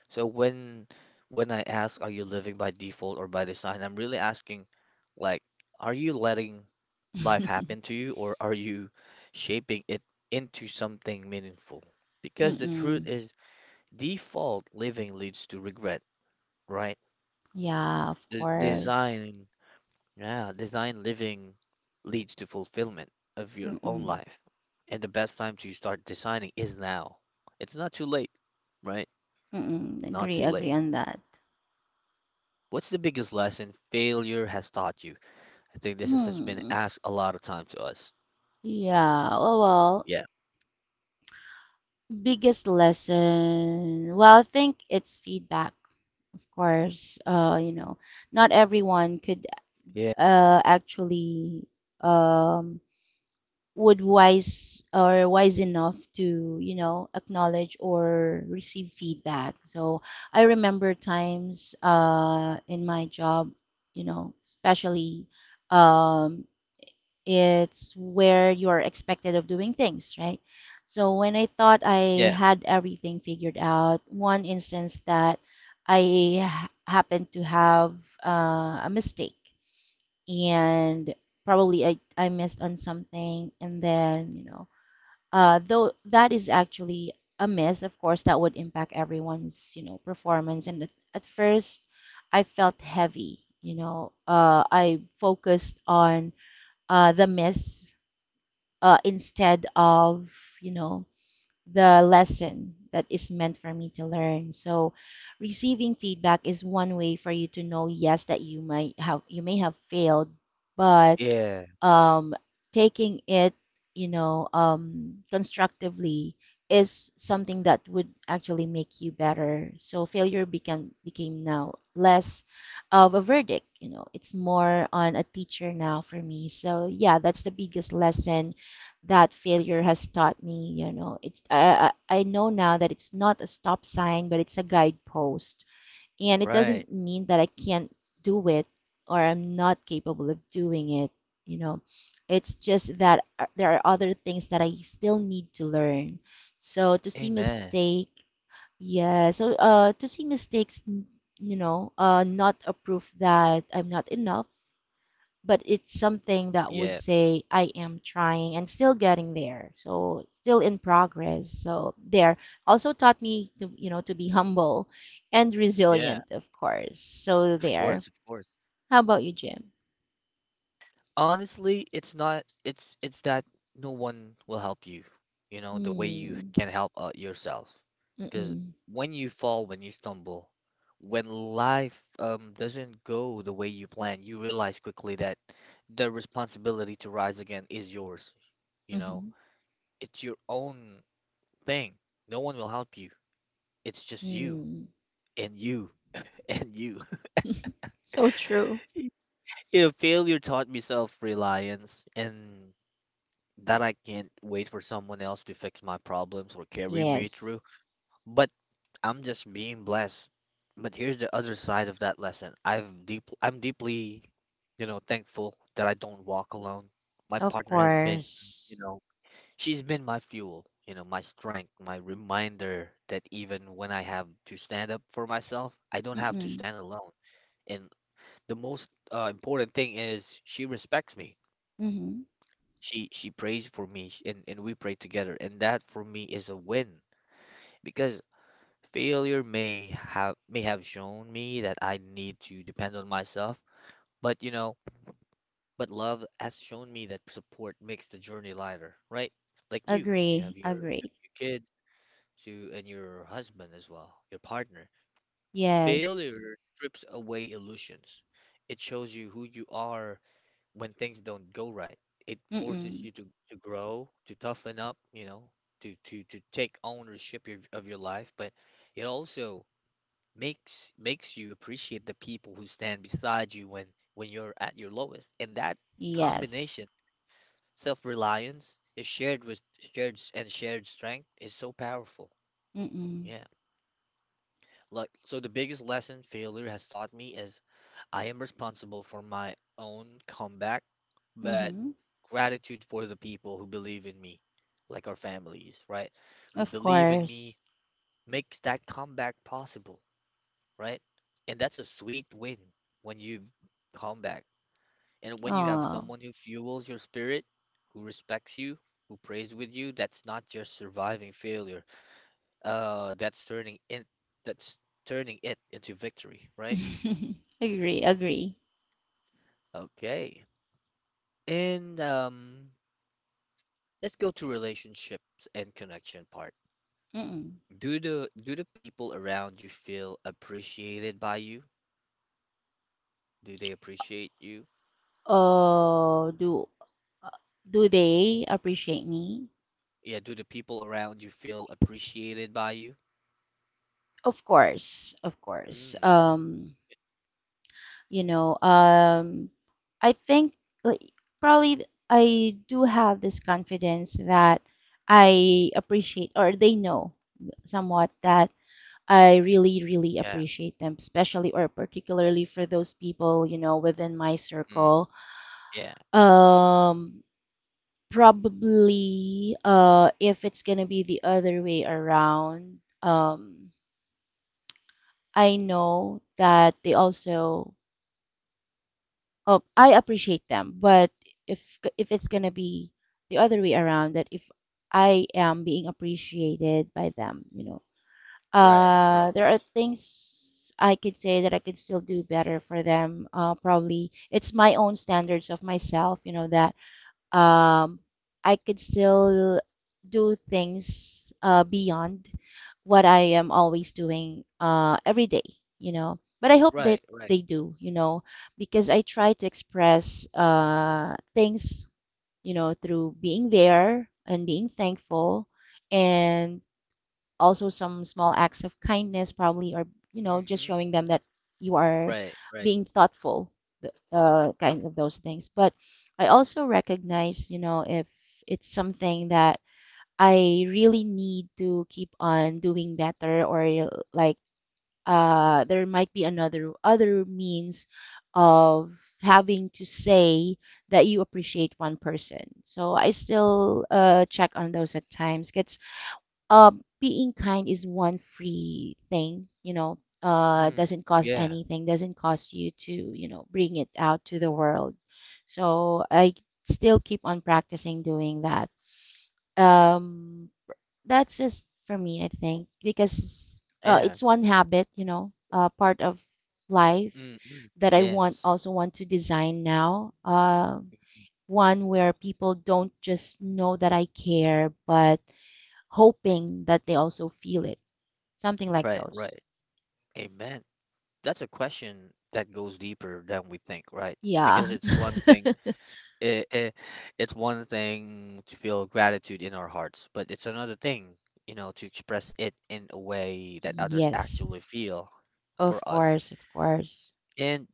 Speaker 1: So when I ask, are you living by default or by design? I'm really asking, like, are you letting life happen to you, or are you shaping it into something meaningful? Because the truth
Speaker 2: Mm-mm.
Speaker 1: is, default living leads to regret, right?
Speaker 2: Yeah, of
Speaker 1: Des-
Speaker 2: course.
Speaker 1: design Yeah, design living leads to fulfillment of your own
Speaker 2: Mm-mm.
Speaker 1: life. And the best time to start designing is now. It's not too late, right?
Speaker 2: Mm-mm.
Speaker 1: Not
Speaker 2: Agree,
Speaker 1: too
Speaker 2: agree
Speaker 1: late.
Speaker 2: on that.
Speaker 1: What's the biggest lesson failure has taught you? I think this has been
Speaker 2: Hmm.
Speaker 1: asked a lot of time to us.
Speaker 2: Yeah, oh well,
Speaker 1: Yeah.
Speaker 2: biggest lesson. Well, I think it's feedback, of course. You know, not everyone could
Speaker 1: Yeah.
Speaker 2: actually um would wise or wise enough to you know acknowledge or receive feedback so I remember times in my job you know especially um it's where you're expected of doing things right so when I thought I
Speaker 1: Yeah.
Speaker 2: had everything figured out one instance that happened to have a mistake and probably I missed on something and then you know though that is actually a miss of course that would impact everyone's you know performance and at first I felt heavy you know I focused on the miss instead of you know the lesson that is meant for me to learn so receiving feedback is one way for you to know yes that you may have failed but
Speaker 1: Yeah.
Speaker 2: um, taking it, you know, constructively is something that would actually make you better. So failure became became now less of a verdict. You know, it's more on a teacher now for me. So yeah, that's the biggest lesson that failure has taught me. You know, it's I know now that it's not a stop sign, but it's a guidepost and it
Speaker 1: Right.
Speaker 2: doesn't mean that I can't do it or I'm not capable of doing it, you know. It's just that there are other things that I still need to learn. So to see
Speaker 1: Amen.
Speaker 2: mistake, to see mistakes, you know, not a proof that I'm not enough, but it's something that would
Speaker 1: Yeah.
Speaker 2: say I am trying and still getting there. So still in progress. So there also taught me to you know to be humble and
Speaker 1: Yeah.
Speaker 2: resilient, of course. So
Speaker 1: Of
Speaker 2: there.
Speaker 1: course. Of course.
Speaker 2: How about you, Jim?
Speaker 1: Honestly, it's not it's it's that no one will help you, you know, the way you
Speaker 2: Hmm.
Speaker 1: can help, yourself. Because
Speaker 2: Mm-mm.
Speaker 1: when you fall, when you stumble, when life doesn't go the way you plan, you realize quickly that the responsibility to rise again is yours, you know.
Speaker 2: Mm-hmm.
Speaker 1: It's your own thing. No one will help you. It's just you
Speaker 2: Mm.
Speaker 1: and you and you.
Speaker 2: So true.
Speaker 1: You know, failure taught me self-reliance, and that I can't wait for someone else to fix my problems or carry me
Speaker 2: Yes.
Speaker 1: through. But I'm just being blessed. But here's the other side of that lesson. I'm deeply, you know, thankful that I don't walk alone. My
Speaker 2: Of
Speaker 1: partner has been, you
Speaker 2: course.
Speaker 1: know, she's been my fuel, you know, my strength, my reminder that even when I have to stand up for myself, I don't have to
Speaker 2: Mm-mm.
Speaker 1: stand alone. And the most important thing is she respects me,
Speaker 2: Mm-hmm.
Speaker 1: she prays for me, and we pray together, and that for me is a win because failure may have shown me that I need to depend on myself, but you know, but love has shown me that support makes the journey lighter, right? Like you have
Speaker 2: Agree.
Speaker 1: your
Speaker 2: Agree.
Speaker 1: kid to, and your husband as well, your partner.
Speaker 2: Yes.
Speaker 1: Failure strips away illusions. It shows you who you are when things don't go right. It forces
Speaker 2: Mm-mm.
Speaker 1: you to grow, to toughen up, you know, to take ownership of your life. But it also makes you appreciate the people who stand beside you when you're at your lowest. And that
Speaker 2: Yes.
Speaker 1: combination, self-reliance, is shared with shared s- and shared strength is so powerful.
Speaker 2: Mm-mm.
Speaker 1: Yeah. Like so the biggest lesson failure has taught me is I am responsible for my own comeback, but
Speaker 2: Mm-hmm.
Speaker 1: gratitude for the people who believe in me, like our families, right? Who
Speaker 2: Of
Speaker 1: believe in
Speaker 2: course.
Speaker 1: me makes that comeback possible, right? And that's a sweet win when you come back. And when you have
Speaker 2: Oh.
Speaker 1: someone who fuels your spirit, who respects you, who prays with you, that's not just surviving failure. That's turning in, that's turning it into victory, right?
Speaker 2: Agree, agree.
Speaker 1: Okay. And let's go to relationships and connection part.
Speaker 2: Mm-mm.
Speaker 1: Do the people around you feel appreciated by you? Do they appreciate you?
Speaker 2: Oh, do they appreciate me?
Speaker 1: Yeah, do the people around you feel appreciated by you?
Speaker 2: Of course, of course.
Speaker 1: Mm,
Speaker 2: You know, I think like, probably I do have this confidence that I appreciate, or they know somewhat that I really, really
Speaker 1: yeah,
Speaker 2: appreciate them, especially or particularly for those people, you know, within my
Speaker 1: Mm,
Speaker 2: circle.
Speaker 1: yeah,
Speaker 2: Um, probably if it's gonna be the other way around, I know that they also oh I appreciate them, but if it's gonna be the other way around, that if I am being appreciated by them, you know,
Speaker 1: right, right,
Speaker 2: there are things I could say that I could still do better for them. Probably it's my own standards of myself, you know, that um, I could still do things beyond what I am always doing every day, you know. But I hope that
Speaker 1: right, right,
Speaker 2: they do, you know, because I try to express things, you know, through being there and being thankful, and also some small acts of kindness, probably, or, you know, just
Speaker 1: mm-hmm,
Speaker 2: showing them that you are
Speaker 1: right, right,
Speaker 2: being thoughtful, kind of those things. But I also recognize, you know, if it's something that I really need to keep on doing better, or like there might be another other means of having to say that you appreciate one person. So I still check on those at times, 'cause uh, being kind is one free thing, you know,
Speaker 1: mm,
Speaker 2: doesn't cost
Speaker 1: yeah,
Speaker 2: anything, doesn't cost you to, you know, bring it out to the world. So I still keep on practicing doing that. Um, that's just for me, I think, because
Speaker 1: yeah,
Speaker 2: it's one habit, you know, part of life
Speaker 1: mm, mm,
Speaker 2: that I want
Speaker 1: yes,
Speaker 2: also want to design now. One where people don't just know that I care, but hoping that they also feel it. Something like
Speaker 1: right,
Speaker 2: those.
Speaker 1: right, amen. That's a question that goes deeper than we think, right? Because
Speaker 2: Yeah.
Speaker 1: it, it it's one thing to feel gratitude in our hearts, but it's another thing, you know, to express it in a way that others
Speaker 2: Yes.
Speaker 1: actually feel
Speaker 2: Of
Speaker 1: for us.
Speaker 2: course, of course.
Speaker 1: And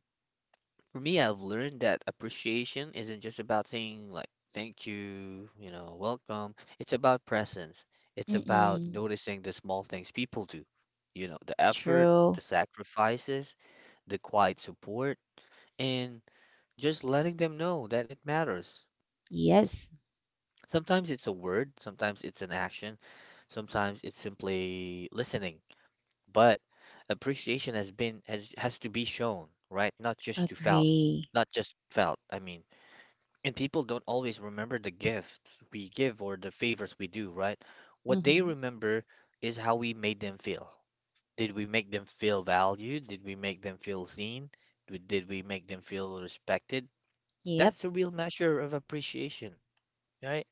Speaker 1: for me, I've learned that appreciation isn't just about saying like thank you, you know, welcome. It's about presence. It's about
Speaker 2: Mm-mm.
Speaker 1: noticing the small things people do. You know, the effort, the
Speaker 2: True.
Speaker 1: sacrifices, the quiet support, and just letting them know that it matters.
Speaker 2: Yes.
Speaker 1: Sometimes it's a word, sometimes it's an action, sometimes it's simply listening. But appreciation has been has to be shown, right? Not just to felt,
Speaker 2: Agree.
Speaker 1: not just felt. I mean, and people don't always remember the gifts we give or the favors we do, right? What they
Speaker 2: Mm-hmm.
Speaker 1: remember is how we made them feel. Did we make them feel valued? Did we make them feel seen? Did we make them feel respected?
Speaker 2: Yep.
Speaker 1: That's the real measure of appreciation, right?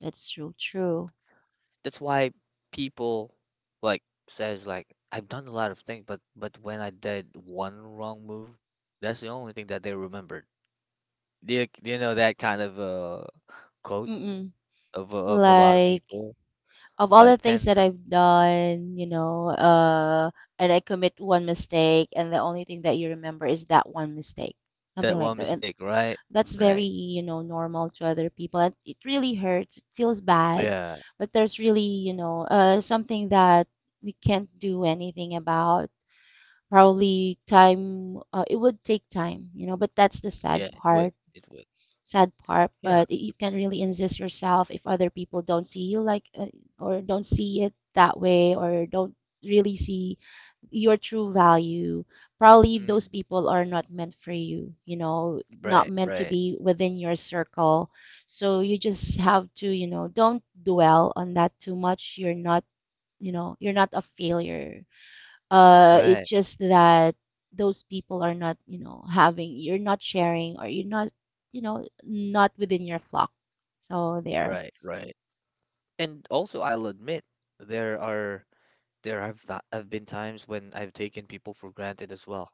Speaker 2: That's true, true.
Speaker 1: That's why people like says like I've done a lot of things, but when I did one wrong move, that's the only thing that they remembered. Do you know that kind of quote
Speaker 2: Mm-mm.
Speaker 1: of a lot of
Speaker 2: Like,
Speaker 1: people?
Speaker 2: of all the
Speaker 1: Like
Speaker 2: things that I've done, you know, and I commit one mistake, and the only thing that you remember is that one mistake. Something
Speaker 1: that
Speaker 2: like
Speaker 1: one
Speaker 2: that. And
Speaker 1: mistake, right?
Speaker 2: that's very,
Speaker 1: Right.
Speaker 2: you know, normal to other people, and it really hurts, it feels bad.
Speaker 1: Yeah.
Speaker 2: But there's really, you know, something that we can't do anything about. Probably time, it would take time, you know, but that's the
Speaker 1: Yeah.
Speaker 2: sad
Speaker 1: It would.
Speaker 2: part
Speaker 1: It would.
Speaker 2: sad part,
Speaker 1: Yeah.
Speaker 2: but you can really insist yourself if other people don't see you like or don't see it that way, or don't really see your true value. Probably those
Speaker 1: Mm,
Speaker 2: people are not meant for you, you know, not
Speaker 1: right.
Speaker 2: meant to
Speaker 1: Right.
Speaker 2: be within your circle. So you just have to, you know, don't dwell on that too much. You're not, you know, you're not a failure. It's
Speaker 1: Right.
Speaker 2: just that those people are not, you know, having, you're not sharing, or you're not, you know, not within your flock. So there.
Speaker 1: Right. Right. And also, I'll admit there are there have not, have been times when I've taken people for granted as well.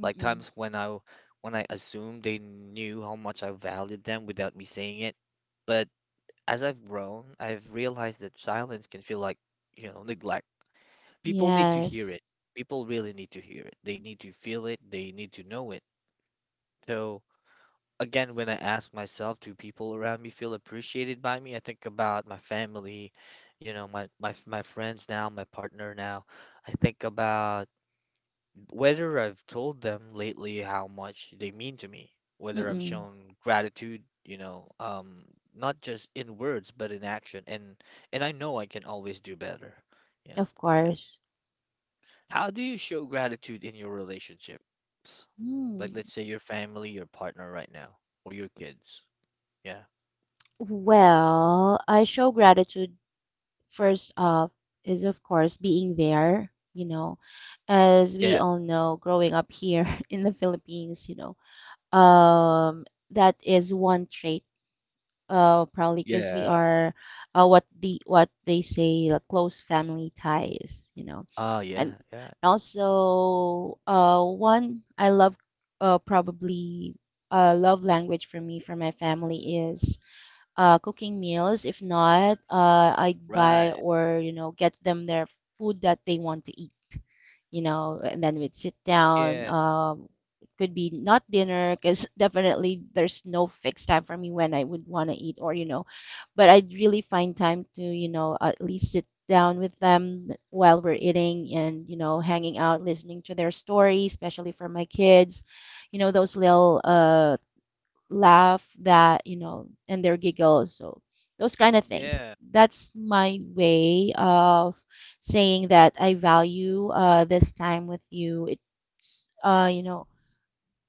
Speaker 1: Like times when I assumed they knew how much I valued them without me saying it. But as I've grown, I've realized that silence can feel like, you know, neglect. People need to hear
Speaker 2: Yes.
Speaker 1: it. People really need to hear it. They need to feel it. They need to know it. So again, when I ask myself, do people around me feel appreciated by me? I think about my family, you know, my friends now, my partner now. I think about whether I've told them lately how much they mean to me, whether I've
Speaker 2: Mm-mm.
Speaker 1: shown gratitude, you know, not just in words but in action, and I know I can always do better. Yeah.
Speaker 2: Of course.
Speaker 1: How do you show gratitude in your relationships? Like,
Speaker 2: Hmm.
Speaker 1: let's say your family, your partner right now, or your kids. Yeah.
Speaker 2: Well, I show gratitude first off is of course being there, you know. As we
Speaker 1: Yeah.
Speaker 2: all know, growing up here in the Philippines, you know, um, that is one trait probably because we
Speaker 1: Yeah.
Speaker 2: are what they say, like close family ties, you know,
Speaker 1: Ah,
Speaker 2: and
Speaker 1: yeah. Yeah.
Speaker 2: also one I love probably love language for me for my family is cooking meals. If not, I
Speaker 1: Right.
Speaker 2: buy or, you know, get them their food that they want to eat, you know, and then we'd sit
Speaker 1: Yeah.
Speaker 2: down. It could be not dinner, because definitely there's no fixed time for me when I would want to eat, or, you know, but I'd really find time to, you know, at least sit down with them while we're eating and, you know, hanging out, listening to their stories, especially for my kids. You know, those little laugh that, you know, and their giggles, so those kind of things,
Speaker 1: Yeah.
Speaker 2: that's my way of saying that I value, this time with you. It's, you know,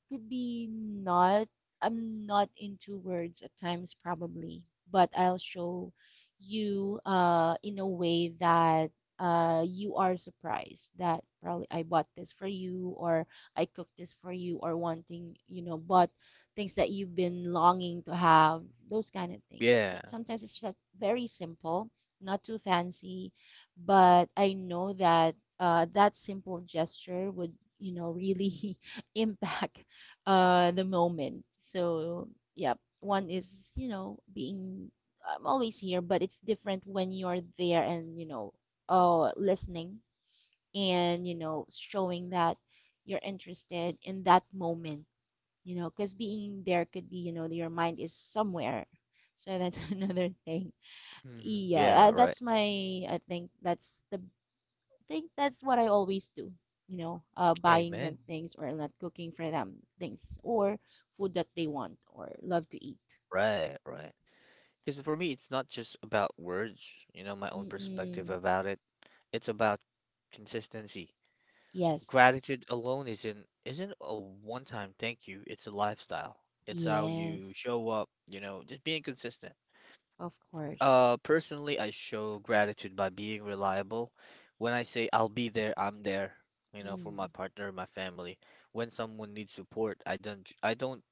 Speaker 2: could be not, I'm not into words at times, probably, but I'll show you in a way that you are surprised that probably I bought this for you, or I cooked this for you, or wanting, you know, bought things that you've been longing to have. Those kind of things,
Speaker 1: Yeah.
Speaker 2: sometimes it's just very simple, not too fancy, but I know that that simple gesture would, you know, really impact the moment. So, yeah, one is, you know, being, I'm always here, but it's different when you're there and, you know, listening and, you know, showing that you're interested in that moment, you know, because being there could be, you know, your mind is somewhere. So that's another thing.
Speaker 1: Mhm.
Speaker 2: Yeah,
Speaker 1: Yeah. Right.
Speaker 2: that's my, I think that's the think that's what I always do, you know, buying
Speaker 1: Amen.
Speaker 2: them things or not cooking for them things or food that they want or love to eat.
Speaker 1: Right. Right. Because for me, it's not just about words, you know, my own perspective
Speaker 2: Mm-mm.
Speaker 1: about it. It's about consistency.
Speaker 2: Yes.
Speaker 1: Gratitude alone isn't a one-time thank you. It's a lifestyle. It's how you
Speaker 2: Yes.
Speaker 1: show up, you know, just being consistent.
Speaker 2: Of course.
Speaker 1: Personally, I show gratitude by being reliable. When I say I'll be there, I'm there, you know, for my
Speaker 2: Mm.
Speaker 1: partner, my family. When someone needs support, I don't j- I don't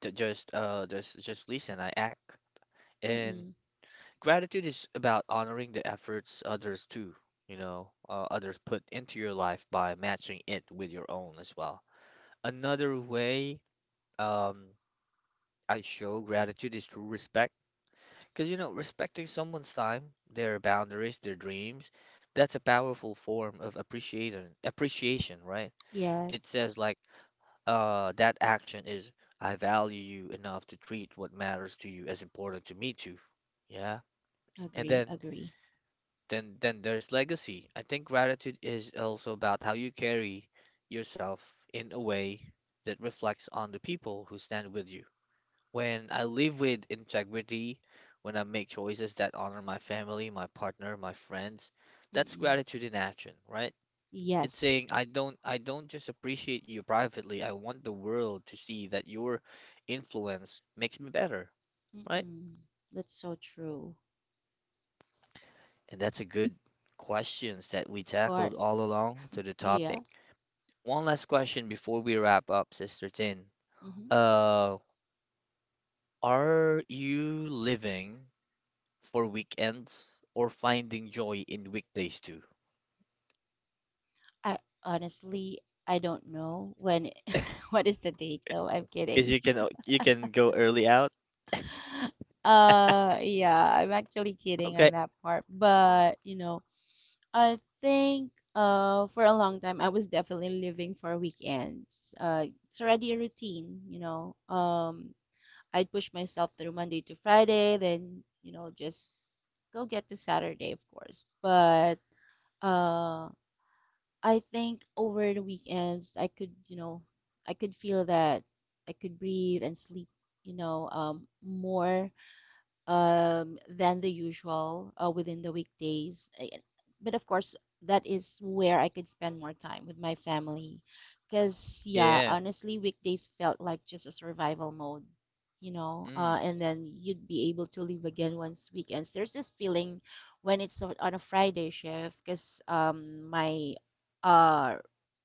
Speaker 1: t- just listen, I act. And
Speaker 2: Mm-mm.
Speaker 1: gratitude is about honoring the efforts others too, you know, others put into your life by matching it with your own as well. Another way um, I show gratitude is through respect, because you know, respecting someone's time, their boundaries, their dreams, that's a powerful form of appreciation. Appreciation, right? It
Speaker 2: Yes.
Speaker 1: says like that action is I value you enough to treat what matters to you as important to me too. Yeah. And
Speaker 2: Agree.
Speaker 1: then
Speaker 2: Agree.
Speaker 1: then there's legacy. I think gratitude is also about how you carry yourself in a way that reflects on the people who stand with you. When I live with integrity, when I make choices that honor my family, my partner, my friends, that's
Speaker 2: Mm-mm.
Speaker 1: gratitude in action, right? It's
Speaker 2: Yes.
Speaker 1: saying I don't just appreciate you privately. I want the world to see that your influence makes me better, right?
Speaker 2: Mm-mm. That's so true.
Speaker 1: And that's a good questions that we
Speaker 2: Of
Speaker 1: tackled
Speaker 2: course.
Speaker 1: all along to the topic.
Speaker 2: Yeah.
Speaker 1: One last question before we wrap up, Sister Tin.
Speaker 2: Mm-hmm.
Speaker 1: Uh, are you living for weekends or finding joy in weekdays too?
Speaker 2: I honestly, I don't know when what is the date, though. I'm
Speaker 1: Because
Speaker 2: kidding.
Speaker 1: you can go early out.
Speaker 2: Yeah, I'm actually kidding on
Speaker 1: Okay.
Speaker 2: that part, but, you know, I think for a long time I was definitely living for weekends. It's already a routine, you know. I'd push myself through Monday to Friday, then, you know, just go get to Saturday, of course. But uh, I think over the weekends I could, you know, I could feel that I could breathe and sleep, you know, more than the usual within the weekdays. But of course, that is where I could spend more time with my family. Because, yeah,
Speaker 1: Yeah.
Speaker 2: honestly, weekdays felt like just a survival mode, you know,
Speaker 1: Mm.
Speaker 2: and then you'd be able to leave again once weekends. There's this feeling when it's on a Friday shift, because my uh,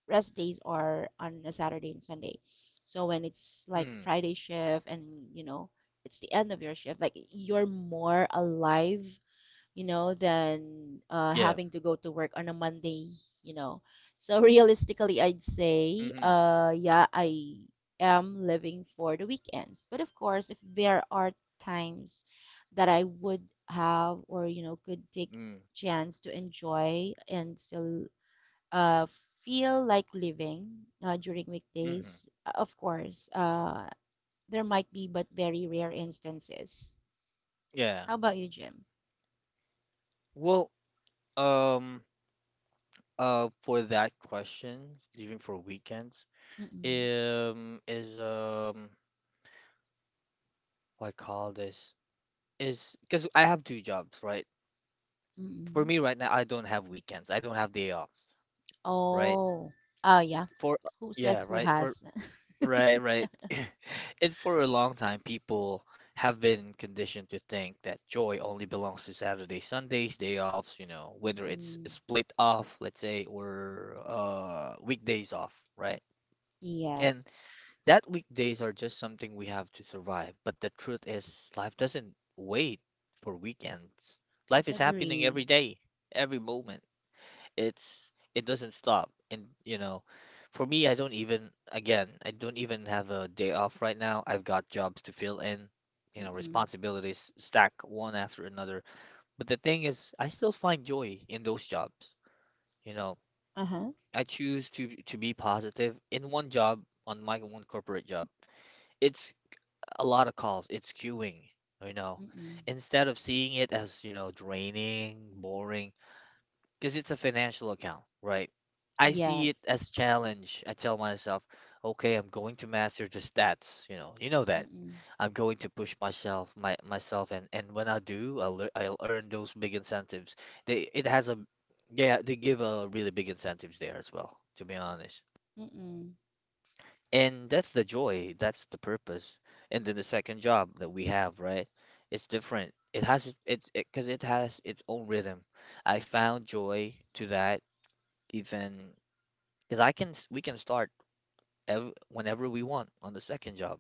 Speaker 2: rest days are on a Saturday and Sunday. So when it's like
Speaker 1: Mm.
Speaker 2: Friday shift and, you know, it's the end of your shift, like you're more alive, you know, than
Speaker 1: Yeah.
Speaker 2: having to go to work on a Monday, you know. So realistically, I'd say,
Speaker 1: Mm-hmm.
Speaker 2: yeah, I am living for the weekends. But of course, if there are times that I would have, or, you know, could take
Speaker 1: Mm.
Speaker 2: chance to enjoy and still uh feel like living during
Speaker 1: Mm-hmm.
Speaker 2: weekdays, of course, there might be, but very rare instances.
Speaker 1: Yeah.
Speaker 2: How about you, Jim?
Speaker 1: Well, um, for that question, leaving for weekends,
Speaker 2: Mm-mm.
Speaker 1: is what I call this is because I have two jobs, right? For
Speaker 2: Mm-mm.
Speaker 1: me right now, I don't have weekends. I don't have day off, right?
Speaker 2: Oh, oh yeah.
Speaker 1: For
Speaker 2: Who says
Speaker 1: yeah,
Speaker 2: who
Speaker 1: right. For
Speaker 2: has?
Speaker 1: right, right. And for a long time, people have been conditioned to think that joy only belongs to Saturday, Sundays, day offs, you know, whether it's a
Speaker 2: Mm-mm.
Speaker 1: split off, let's say, or weekdays off, right? And
Speaker 2: Yes.
Speaker 1: that weekdays are just something we have to survive. But the truth is, life doesn't wait for weekends. Life is happening
Speaker 2: Agree.
Speaker 1: every day, every moment. It's it doesn't stop, and you know, for me I don't even have a day off right now. I've got jobs to fill in, you know,
Speaker 2: Mm-mm.
Speaker 1: responsibilities stack one after another. But the thing is I still find joy in those jobs, you know.
Speaker 2: Uh-huh.
Speaker 1: I choose to be positive in one job. On my one corporate job, it's a lot of calls, it's queuing, you know,
Speaker 2: Mm-mm.
Speaker 1: instead of seeing it as, you know, draining, boring, because it's a financial account, right? I see it
Speaker 2: Yes.
Speaker 1: as challenge. I tell myself, okay, I'm going to master the stats. You know that
Speaker 2: Mm-mm.
Speaker 1: I'm going to push myself, and when I do, I'll earn those big incentives. They it has a yeah, they give a really big incentives there as well, to be honest.
Speaker 2: Mm-mm.
Speaker 1: And that's the joy, that's the purpose. And then the second job that we have, right? It's different. It has it it because it, 'cause it has its own rhythm. I found joy to that even because we can start ev whenever we want on the second job.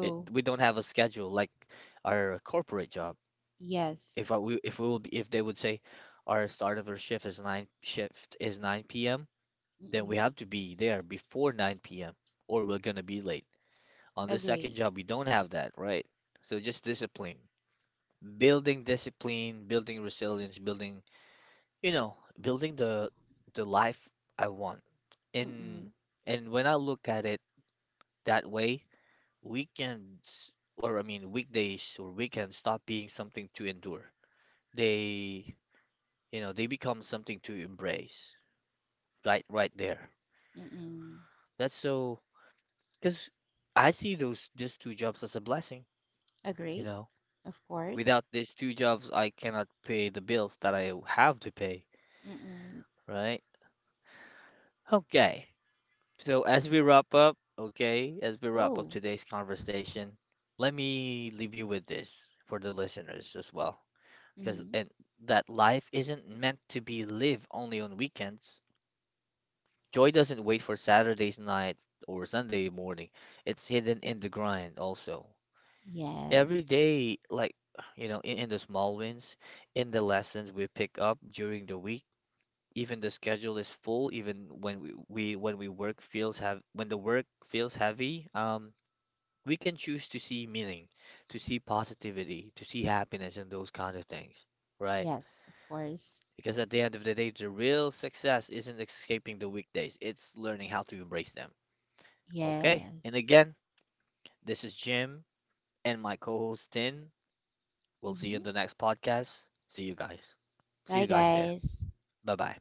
Speaker 1: It, we don't have a schedule like our corporate job.
Speaker 2: Yes.
Speaker 1: If I, we, if we will be, if they would say our start of our shift is 9 p.m., then we
Speaker 2: Mm-mm.
Speaker 1: have to be there before 9 p.m. or we're gonna be late. On the second
Speaker 2: Agree.
Speaker 1: job, we don't have that, right? So just discipline, building resilience, building, you know, building the life I want. And
Speaker 2: Mm-mm.
Speaker 1: and when I look at it that way, weekends or weekdays or weekends stop being something to endure. They, you know, they become something to embrace. Right, right there.
Speaker 2: Mm-mm.
Speaker 1: That's so because I see those these two jobs as a blessing, you
Speaker 2: Agree.
Speaker 1: know.
Speaker 2: Of course.
Speaker 1: Without these two jobs, I cannot pay the bills that I have to pay,
Speaker 2: Mm-mm.
Speaker 1: right? Okay. So as we wrap up, okay, as we wrap up
Speaker 2: Oh.
Speaker 1: today's conversation, let me leave you with this for the listeners as well. Because
Speaker 2: Mm-hmm.
Speaker 1: and that life isn't meant to be lived only on weekends. Joy doesn't wait for Saturday's night or Sunday morning. It's hidden in the grind also. Every
Speaker 2: Yes.
Speaker 1: day, like, you know, in the small wins, in the lessons we pick up during the week, even the schedule is full, even when we when we work feels have when the work feels heavy, we can choose to see meaning, to see positivity, to see happiness and those kind of things, right?
Speaker 2: Yes, of course.
Speaker 1: Because at the end of the day, the real success isn't escaping the weekdays, it's learning how to embrace them. Okay? And
Speaker 2: Yes.
Speaker 1: again, this is Jim and my co host Tin. We'll see you in
Speaker 2: Hmm.
Speaker 1: the next podcast. See you guys. See
Speaker 2: Bye,
Speaker 1: you guys there.
Speaker 2: guys.
Speaker 1: Bye bye.